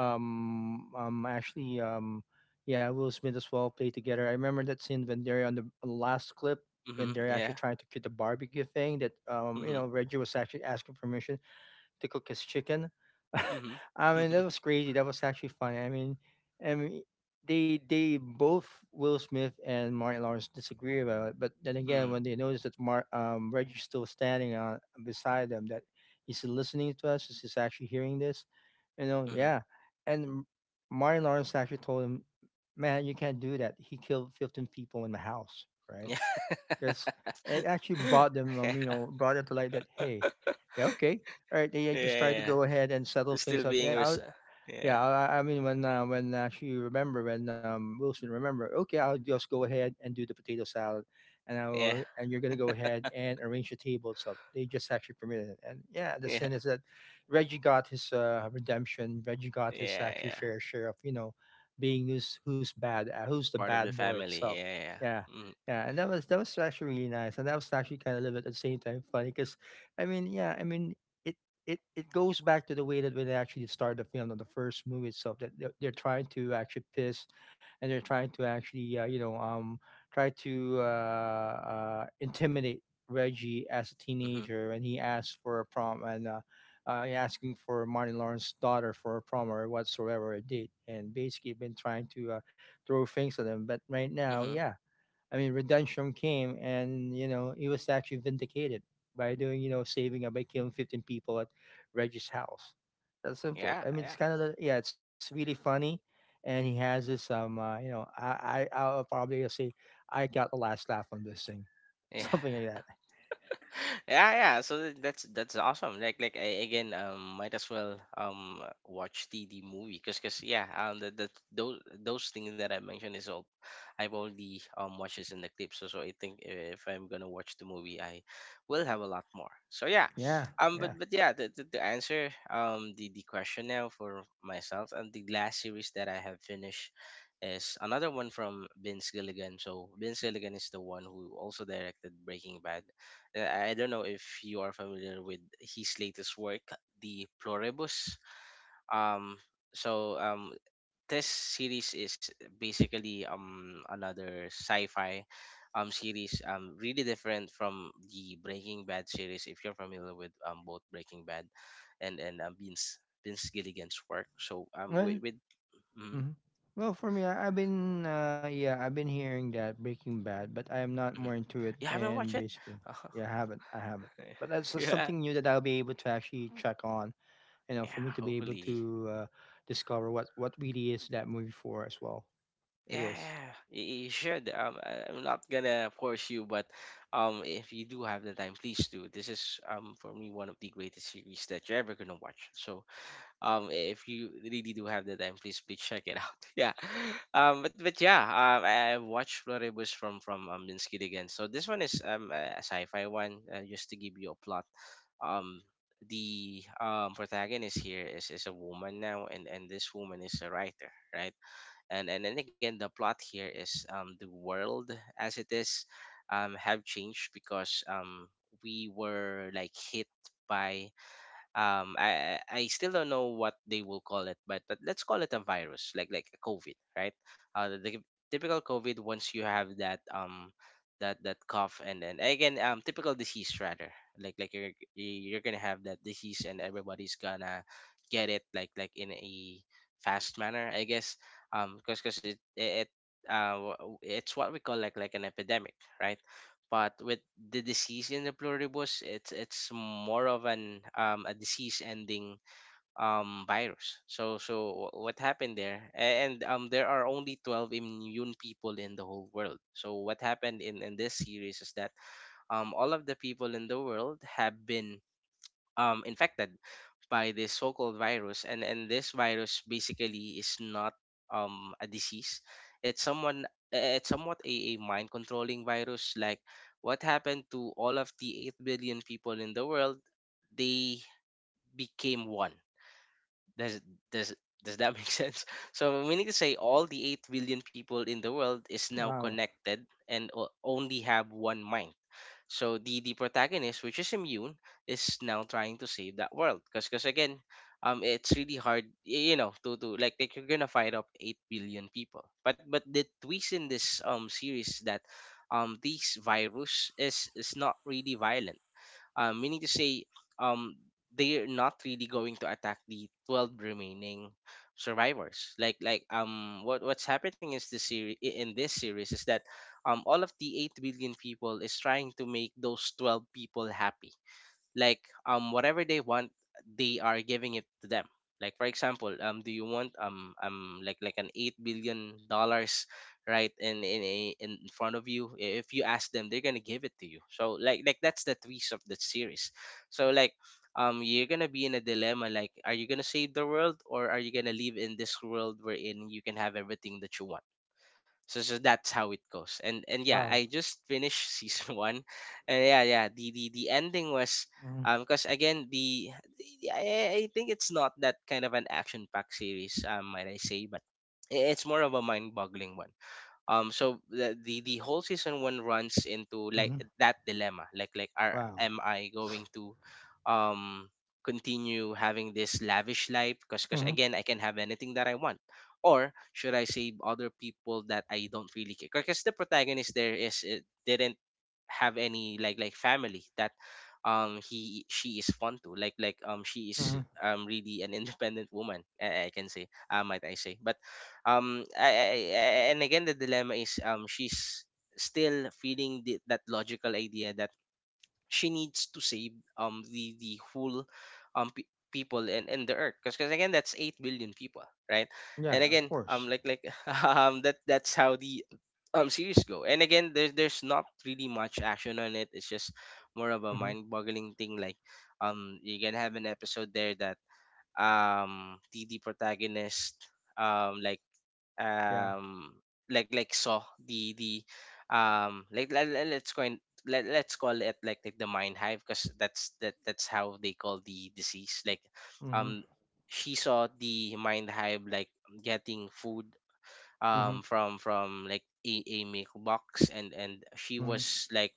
Um, um, actually, um, yeah, Will Smith as well played together. I remember that scene when they're on the last clip when
Mhm.
they're
Yeah.
actually trying to get the barbecue thing that you
Mhm.
know Reggie was actually asking permission to cook his chicken.
Mhm.
[laughs] I mean, that was
[laughs]
crazy. That was actually funny. I mean, they both Will Smith and Martin Lawrence disagree about it, but then again,
Mhm,
when they notice that Reggie's still standing on beside them, that he's listening to us, he's actually hearing this, you know,
mhm.
yeah. And Martin Lawrence actually told him, "Man, you can't do that. He killed 15 people in the house, right?"
Yeah.
Because it
[laughs]
actually brought them,
Yeah.
brought it to light that hey, yeah, okay, all right, yeah, yeah,
Yeah.
just try to
Yeah.
go ahead and settle
Still
things out.
being
Yeah, I'll
yeah.
yeah, I mean when actually remember when Wilson remember, okay, I'll just go ahead and do the potato salad, and I
Yeah.
will, and you're gonna go ahead and arrange the table. So they just actually permitted it, and yeah, the
Yeah.
sin is that Reggie got his redemption. Reggie got his
Yeah,
actually
yeah.
fair share of you know being who's bad, who's the
Part of
bad
the
boy
family.
itself.
Yeah, yeah, yeah.
Yeah,
Mm-hmm.
yeah, and that was actually really nice, and that was actually kind of a little bit at the same time funny because I mean, yeah, I mean. It, it it goes back to the way that when they actually started the film on the first movie itself that they're trying to actually piss and they're trying to actually try to intimidate Reggie as a
Mm-hmm.
teenager and he asks for a prom and asking for Martin Lawrence's daughter for a prom or whatsoever it did and basically been trying to throw things at him but right now
Mm-hmm.
yeah, I mean, redemption came, and you know, he was actually vindicated by doing, you know, saving up by killing 15 people at Reggie's house. That's simple.
Yeah,
I mean, it's
yeah.
kind of the yeah, it's really funny, and he has this you know, I'll probably say I got the last laugh on this thing, [laughs]
Yeah.
something like that.
Yeah, yeah, so that's awesome. I, again, might as well watch the movie because cause yeah, the those things that I mentioned is all I've already watched this in the clip. So so I think if I'm gonna watch the movie, I will have a lot more. So yeah,
Yeah, yeah.
but yeah, the, the answer the question now for myself and the last series that I have finished is another one from Vince Gilligan. So Vince Gilligan is the one who also directed Breaking Bad. Uh, I don't know if you are familiar with his latest work, The Pluribus. Um, so this series is basically another sci-fi series, really different from the Breaking Bad series, if you're familiar with both Breaking Bad and Vince Gilligan's work. So
Well,
with mm-hmm,
mhm. Well, for me, I've been yeah, I've been hearing that Breaking Bad, but I am not more
mm-hmm.
into it.
You haven't
And
watched it? [laughs]
basically, yeah, I haven't. But that's just
Yeah,
something new that I'll be able to actually check on. You know, for
yeah,
me to be able to
hopefully.
discover what really is that movie for as well. It is.
Yeah, y- you should. I- I'm not gonna force you, but if you do have the time, please do. This is for me one of the greatest series that you're ever gonna watch. So if you really do have the time, please please check it out. [laughs] I watched Floribus from Minsky again. So this one is a sci-fi one. Just to give you a plot, um. the protagonist here is a woman now, and this woman is a writer, right? Then again, the plot here is the world as it is have changed because we were like hit by I still don't know what they will call it, but let's call it a virus, like a COVID, right? The typical COVID. Once you have that that cough, and then again, typical disease rather, like you're gonna have that disease, and everybody's gonna get it like in a fast manner, I guess, because it's what we call like an epidemic, right? But with the disease in the Pluribus, it's more of an a disease ending virus. So what happened there? A- and There are only 12 immune people in the whole world. So what happened in this series is that all of the people in the world have been infected by this so-called virus, and this virus basically is not a disease. It's someone— it's somewhat a mind controlling virus. Like, what happened to all of the 8 billion people in the world, they became one. does does does that make [laughs] sense? So meaning to say, all the 8 billion people in the world is now
Wow.
connected and only have one mind. So the protagonist, which is immune, is now trying to save that world. Cause again, it's really hard, you know, to like you're gonna fight up 8 billion people. But the twist in this series is that this virus is not really violent. Meaning to say, um, they're not really going to attack the 12 remaining survivors. What what's happening is this series in this series is that all of the 8 billion people is trying to make those 12 people happy. Like, whatever they want, they are giving it to them. Like, for example, do you want like an 8 billion dollars right in a in front of you? If you ask them, they're gonna give it to you. So like, that's the twist of the series. So like, you're gonna be in a dilemma. Like, are you gonna save the world, or are you gonna live in this world wherein you can have everything that you want? So that's how it goes. And yeah,
Wow.
I just finished [laughs] season one, and yeah, yeah. The ending was
Mm-hmm.
because again, I think it's not that kind of an action packed series, might I say, but it's more of a mind boggling one. So the whole season one runs into like
Mm-hmm.
that dilemma. Like are
Wow.
am I going to um continue having this lavish life, because
Mm-hmm.
again, I can have anything that I want? Or should I save other people that I don't really care, because the protagonist there is— it didn't have any like family that he she is fond to. She
Mm-hmm.
is really an [laughs] independent woman, I can say, might I say. But I— and again, the dilemma is, she's still feeding that logical idea that she needs to save the whole people and the earth, because again, that's 8 billion people, right?
Yeah, of
And again,
course.
[laughs] that that's how the series go. And again, there's not really much action on it. It's just more of a
Mm-hmm.
mind-boggling thing. Like, you can have an episode there that the protagonist um like
Yeah.
um like saw the let's go in, let's call it like the mind hive, because that's how they call the disease. Like,
Mm-hmm.
um she saw the mind hive like getting food
Mm-hmm.
from like a milk box, and she
Mm-hmm.
was like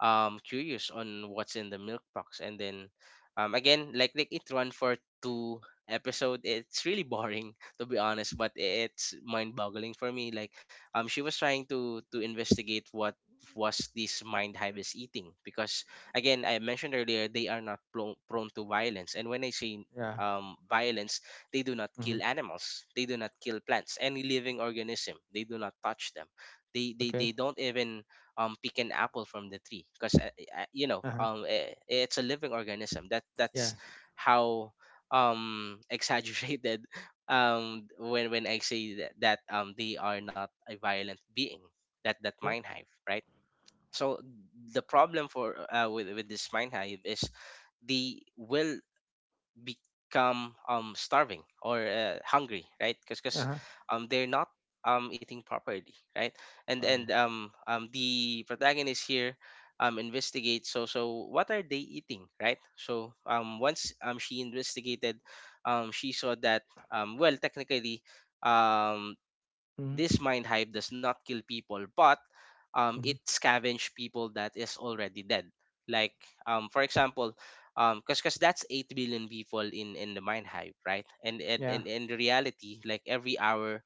curious on what's in the milk box. And then again, it run for two episode. It's really boring [laughs] to be honest, but it's mind boggling for me. Like, she was trying to investigate what was this mind hive is eating, because again, I mentioned earlier, they are not prone to violence. And when I say
Yeah.
violence, they do not
Mm-hmm.
kill animals, they do not kill plants, any living organism, they do not touch them.
Okay.
They don't even pick an apple from the tree, because you know,
Uh huh.
I it's a living organism.
Yeah.
That's how [laughs] exaggerated when I say that they are not a violent being, that
Yep.
mind hive, right? So the problem for with this mind hive is, they will become starving or hungry, right?
Uh
Because
huh.
they're not eating properly, right? And the protagonist here investigates. So what are they eating, right? So once she investigated, she saw that, well, technically, um
Wow.
this mind hive does not kill people, but it
Hmm.
scavenge people that is already dead. Like, for example, cause that's 8 billion people in the mind hive, right? And
Yeah,
and in reality, like every hour,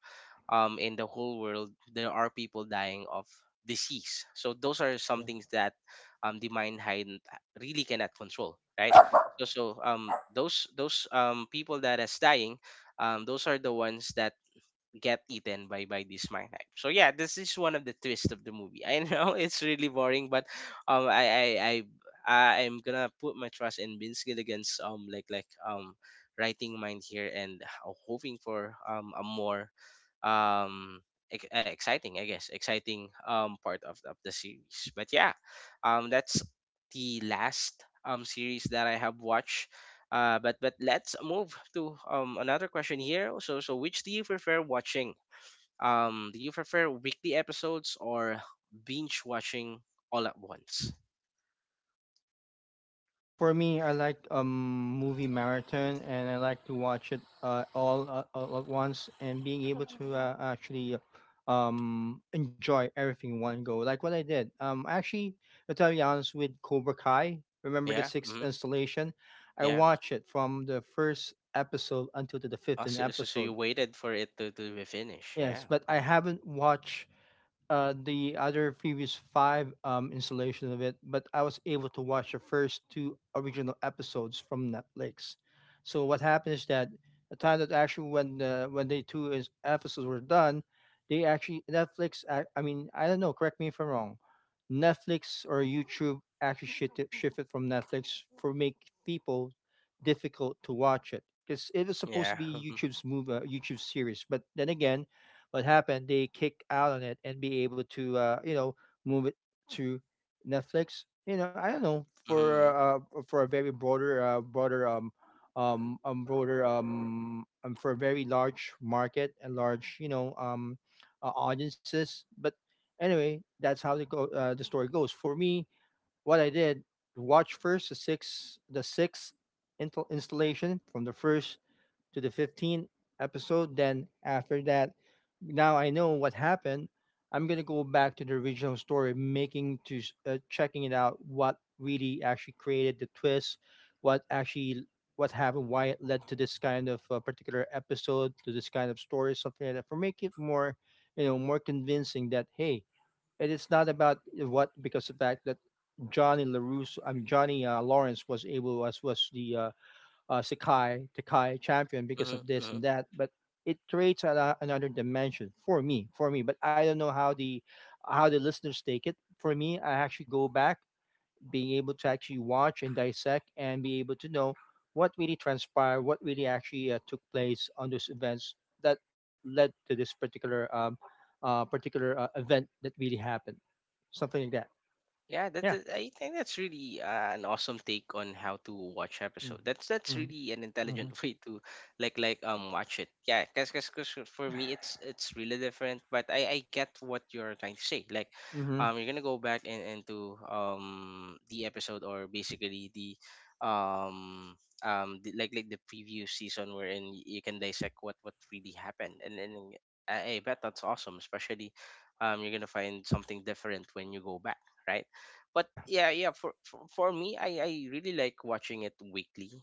in the whole world, there are people dying of disease. So those are some
yeah.
things that the mind hive really cannot control, right? So those people that is dying, those are the ones that get eaten by this magnet. So yeah, this is one of the twists of the movie. I know [laughs] it's really boring, but um, I I I I'm gonna put my trust in Vince Gilligan's writing mind here, and hoping for a more um exciting, I guess, exciting part of the series. But yeah, that's the last series that I have watched. But but let's move to another question here. So which do you prefer watching? Do you prefer weekly episodes or binge watching all at once?
For me, I like movie marathon, and I like to watch it all at once, and being able to actually enjoy everything in one go. Like what I did. Actually, to tell you honest, with Cobra Kai, remember the
Yeah.
sixth
Hmm.
installation? I
Yeah.
watched it from the first episode until to the
Oh,
15th
so, so so you
episode.
waited for it to be finished.
Yes,
Yeah.
but I
Hmm.
haven't watched the other previous five installations of it, but I was able to watch the first two original episodes from Netflix. So what happened is that the time that actually when when the two is, episodes were done, they actually Netflix. I mean, I don't know. Correct me if I'm wrong. Netflix or YouTube actually shifted from Netflix for make people difficult to watch it because it was supposed to
Yeah.
be YouTube's move YouTube series, but then again what happened they kick out on it and be able to you know move it to Netflix, you know I don't know
[laughs] Hmm.
for a very broader broader broader for a very large market and large you know audiences but anyway that's how the go the story goes for me what I did watch first the sixth intel installation from the first to the 15th episode. Then after that, now I know what happened. I'm gonna go back to the original story, making to checking it out. What really actually created the twist? What actually what happened? Why it led to this kind of particular episode, to this kind of story, something like that, for make it more, you know, more convincing that hey, it is not about what because the fact that Johnny Larusso, I mean Johnny Lawrence was able as was the Sekai, Takai champion because of this
Hmm.
and that. But it creates a, another dimension for me, for me. But I don't know how the listeners take it. For me, I actually go back, being able to actually watch and dissect and be able to know what really transpired, what really actually took place on those events that led to this particular particular event that really happened, something like that.
Yeah, that's
Yeah.
a— I think that's really an awesome take on how to watch episode. That's
Mm-hmm.
really an
Mm-hmm.
intelligent [laughs] way to watch it. Yeah, 'cause for me it's really different, but I get what you're trying to say. Like,
Mm-hmm.
you're gonna go back and into the episode, or basically the um the previous season, wherein you can dissect what really happened. And then I bet that's awesome, especially you're gonna find something different when you go back, right? But
Yeah.
yeah, yeah, for me, I really like watching it weekly.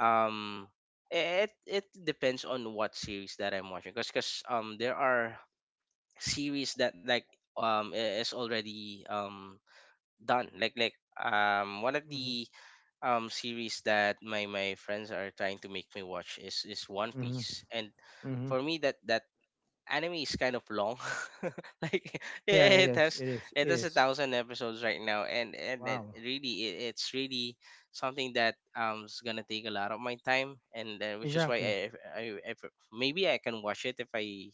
Um it it depends on what series that I'm watching, because there are series that is already done, one of
Mm-hmm.
the series that my friends are trying to make me watch is One
Mm-hmm.
Piece. And for me, that anime is kind of long [laughs] like,
Yeah, it
it
is.
has—
It is.
it
It
has a
is.
thousand episodes right now, and it
Wow.
really— it's really something that is gonna take a lot of my time. And which is why
Exactly.
I, I I- maybe I can watch it if I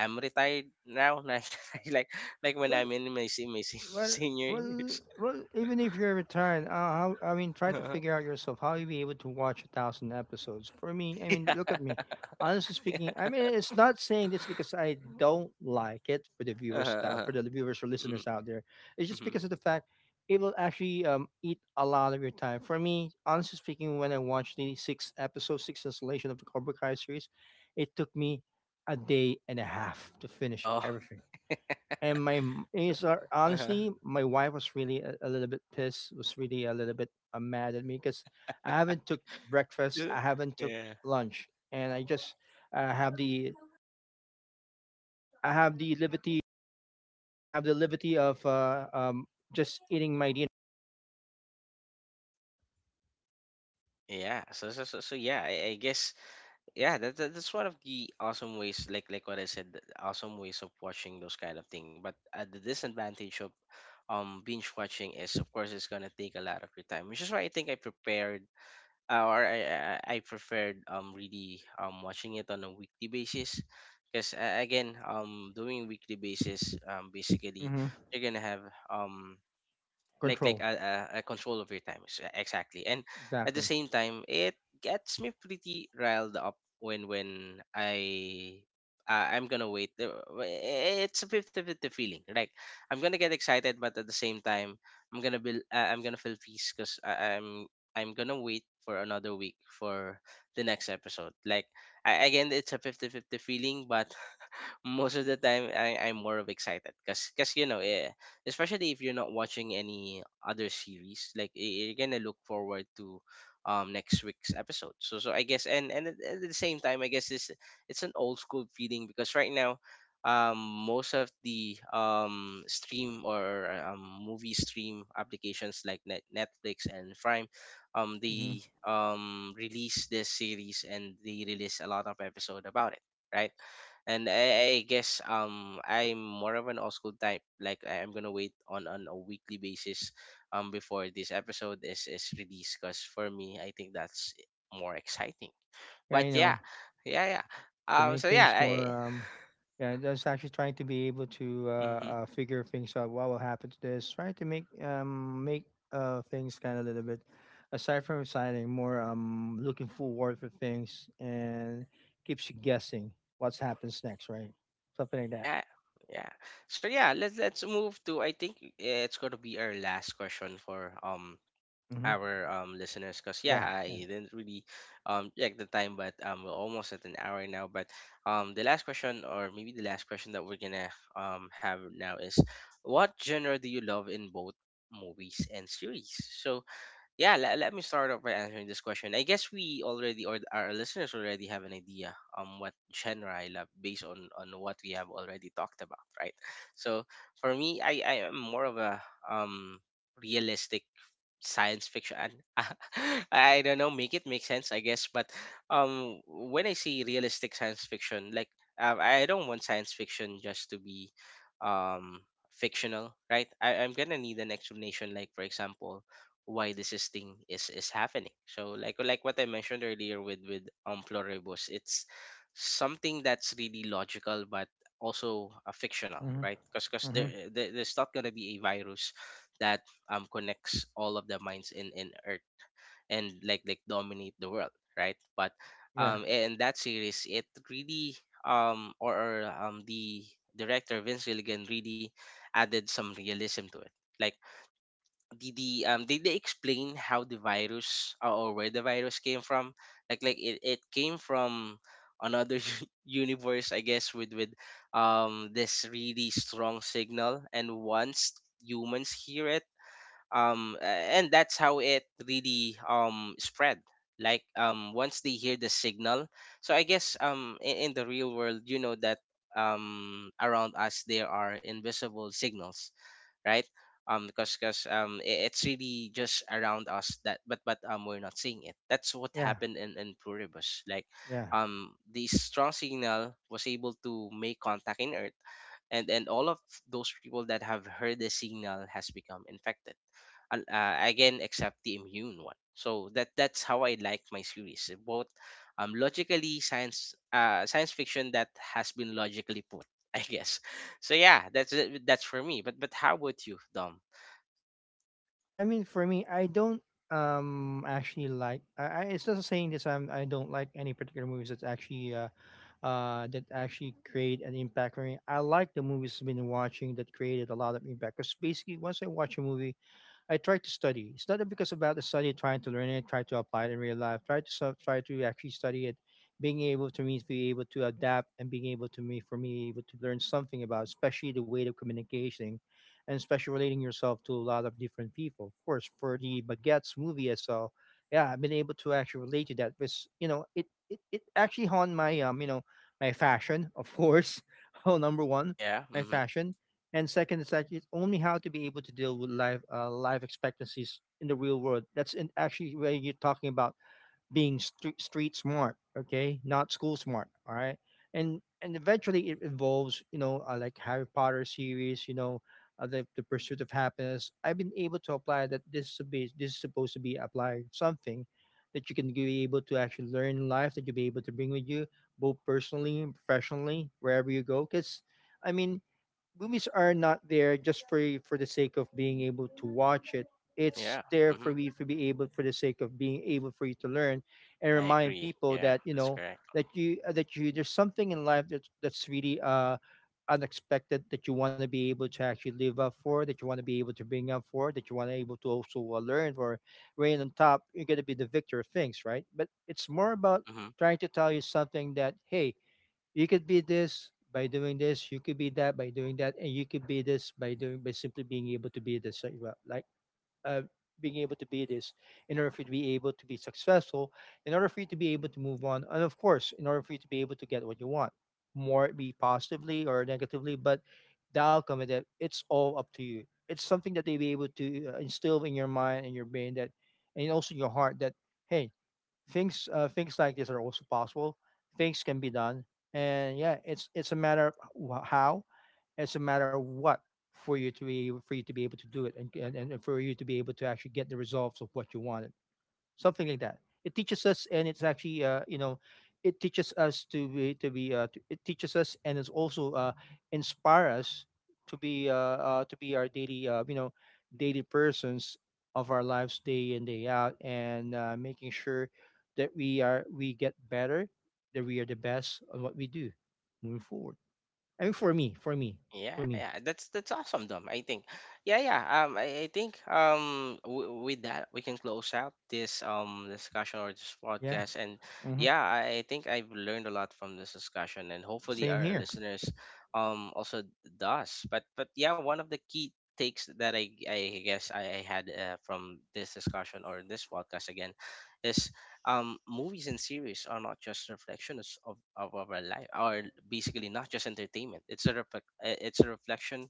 am retired now [laughs] like like, when
Well,
I'm in my [laughs]
Well,
senior
well,
years.
well, Even if you're retired, how, I mean,
[laughs]
try to
Uh-huh.
figure out yourself how you be able to watch 1,000 episodes. For me, I mean,
Yeah.
look at me. Honestly
[laughs]
speaking, I
Yeah.
mean, it's not saying this because I don't like it for the viewers
Uh-huh,
out, for
uh-huh.
the viewers or
Hmm.
listeners out there. It's just
Hmm.
because of the fact it will actually eat a lot of your time. For me, honestly speaking, when I watched the six episode, six installation of the Cobra Kai series, it took me a day and a half to finish
Oh.
everything and
[laughs] So,
it's
uh-huh.
honestly my wife was really a little bit pissed was really a little bit mad at me because I haven't took breakfast,
[laughs]
I haven't took
Yeah.
lunch, and I just have the I have the liberty I have the liberty of just eating my dinner.
Yeah. So yeah, I guess— yeah, that's one of the awesome ways, like what I said, the awesome ways of watching those kind of thing. But the disadvantage of binge watching is, of course, it's gonna take a lot of your time, which is why I think I prepared or I preferred really watching it on a weekly basis. Because again, doing weekly basis, basically
hmm
you're gonna have um like
Control.
a control of your exactly. And at the
Exactly.
same time, it gets me pretty riled up when I'm gonna wait. It's a fifty fifty feeling. Like, I'm gonna get excited, but at the same time I'm gonna be I'm gonna feel peace because I'm gonna wait for another week for the next episode. Like, again, it's a fifty fifty feeling, but most of the time I'm more of excited because especially if you're not watching any other series, like you're gonna look forward to next week's episode. So I guess, and at the same time, I guess this, it's an old school feeling. Because right now, most of the stream or movie stream applications like Netflix and Prime,
hmm
they release this series, and they release a lot of episode about it, right? And I guess I'm more of an old school type. Like, I'm gonna wait on a weekly basis before this episode is released. Cause for me, I think that's more exciting.
yeah,
But
I
yeah,
know.
yeah, yeah.
To make
So yeah,
things more
I.
yeah, just actually trying to be able to
Mhm.
figure things out what will happen to this, trying to make make things kind of a little bit, aside from exciting, more looking forward for things and keeps you guessing what's happens next, right? Something like that.
Yeah. Yeah. So yeah, let's move to, I think, it's gonna be our last question for
Mm-hmm.
our listeners. Because yeah,
yeah
I
yeah
didn't really check the time, but we're almost at an hour now. But the last question, or maybe the last question that we're gonna have now is, what genre do you love in both movies and series? So yeah, let me start off by answering this question. I guess we already, or our listeners already have an idea what genre I love based on what we have already talked about, right? So for me, I am more of a um realistic science fiction and [laughs] I don't know, make it make sense, I guess. But when I see realistic science fiction, like I don't want science fiction just to be um fictional, right? I'm gonna need an explanation, like for example, why this is thing is happening. So like what I mentioned earlier with pluribus, it's something that's really logical, but also fictional,
Mm-hmm.
right? Because
Mm-hmm.
there's not gonna be a virus that connects all of the minds in Earth and like dominate the world, right? But
yeah
in that series, it really or the director Vince Gilligan really added some realism to it. Like, the did they explain how the virus, or where the virus came from? Like it came from another [laughs] universe, I guess, with this really strong signal. And once humans hear it, um a- and that's how it really spread. Like, once they hear the signal. So I guess, in the real world, you know that around us there are invisible signals, right? Because it's really just around us that, but we're not seeing it. That's what
yeah
happened in pluribus. Like,
yeah.
the strong signal was able to make contact in Earth, and all of those people that have heard the signal has become infected. Again, except the immune one. So that's how I like my series, both logically science, science fiction that has been logically put [laughs] I guess. So yeah, that's it. That's for me. But how about you, Dom?
I mean, for me, I don't actually like. I it's just saying this. I am I don't like any particular movies that's actually that actually create an impact for me. I like the movies I've been watching that created a lot of impact. Because basically, once I watch a movie, I try to study. It's not because about the study, trying to learn it, try to apply it in real life, try to actually study it, being able to means be able to adapt and being able to me for me able to learn something about, especially the way of communication, and especially relating yourself to a lot of different people. Of course, for the baguettes movie itself, yeah, I've been able to actually relate to that. Because you know, it actually haunt my you know my fashion, of course. [laughs] Oh, number one,
Yeah.
my
Mm-hmm.
fashion, and second is that it's only how to be able to deal with life life expectancies in the real world. That's in actually where you're talking about being street smart, okay, not school smart. All right, and eventually it involves you know like Harry Potter series, you know, the pursuit of happiness. I've been able to apply that. This is supposed to be applying something that you can be able to actually learn in life, that you'll be able to bring with you both personally and professionally wherever you go because. I mean, movies are not there just for the sake of being able to watch it. It's
Yeah.
there
Mm-hmm.
for you to be able, for the sake of being able for you to learn and
I
remind
agree.
people
Yeah,
that you
that's
know
correct.
that you there's something in life that's really unexpected, that you want to be able to actually live up for, that you want to be able to bring up for, that you want to able to also learn for, rain on top you're going to be the victor of things, right? But it's more about
Mm-hmm.
trying to tell you something that hey, you could be this by doing this, you could be that by doing that, and you could be this by doing by simply being able to be this like, well, like uh, being able to be this in order for you to be able to be successful, in order for you to be able to move on, and of course in order for you to be able to get what you want, more it be positively or negatively, but the outcome of that it's all up to you. It's something that they be able to instill in your mind and your brain, that, and also your heart that hey, things like this are also possible. Things can be done, and yeah, it's a matter of how. It's a matter of what for you to be, for you to be able to do it, and for you to be able to actually get the results of what you wanted, something like that. It teaches us, and it's actually you know, it teaches us to it teaches us, and it's also inspire us to be uh, to be our daily you know daily persons of our lives, day in day out, and making sure that we are we get better, that we are the best on what we do moving forward. I mean, for me, for me,
Yeah,
for me,
yeah, that's awesome, Dom. I think, yeah, yeah. I think with that we can close out this discussion or this
yeah.
podcast. And
hmm
yeah, I think I've learned a lot from this discussion, and hopefully
Same
our
here.
listeners also does. But yeah, one of the key takes that I guess I had from this discussion or this podcast, again, is movies and series are not just reflections of, our life, are basically not just entertainment. It's a it's a reflection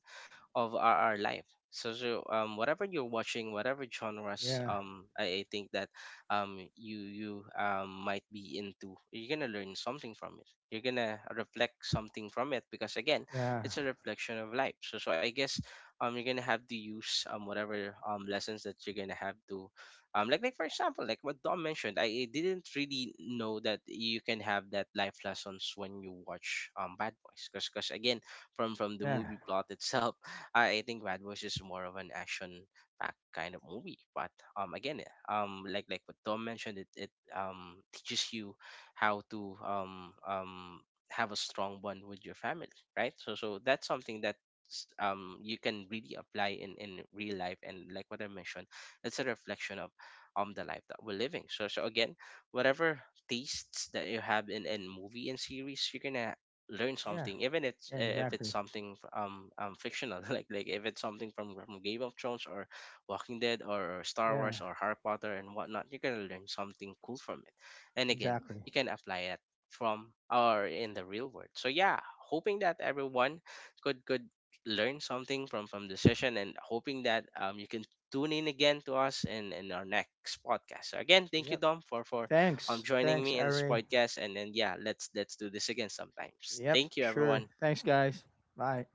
of our, life. So, whatever you're watching, whatever genres,
Yeah,
I think that you might be into, you're gonna learn something from it. You're gonna reflect something from it because again,
yeah,
it's a reflection of life. So, I guess you're gonna have to use whatever lessons that you're gonna have to, like for example, like what Dom mentioned, I didn't really know that you can have that life lessons when you watch Bad Boys. Because again, from the
yeah,
movie plot itself, I think Bad Boys is more of an action packed kind of movie. But again, like what Dom mentioned, it teaches you how to have a strong bond with your family, right? So that's something that you can really apply in real life. And like what I mentioned, it's a reflection of the life that we're living. So again, whatever tastes that you have in movie and series, you're gonna learn
yeah,
something, even if it's,
yeah,
if it's
exactly.
something fictional [laughs] like if it's something from Game of Thrones, or Walking Dead, or, Star
Yeah.
Wars, or Harry Potter and whatnot, you're gonna learn something cool from it. And again,
Exactly.
you can apply it from or in the real world. So yeah, hoping that everyone could learn something from the session, and hoping that you can tune in again to us in our next podcast. So again, thank you,
Yep.
Dom, for
Thanks.
joining
Thanks,
me in this
Ari.
podcast. And then yeah, let's do this again sometimes.
Yep.
Thank you,
Sure.
everyone.
Thanks, guys. Bye.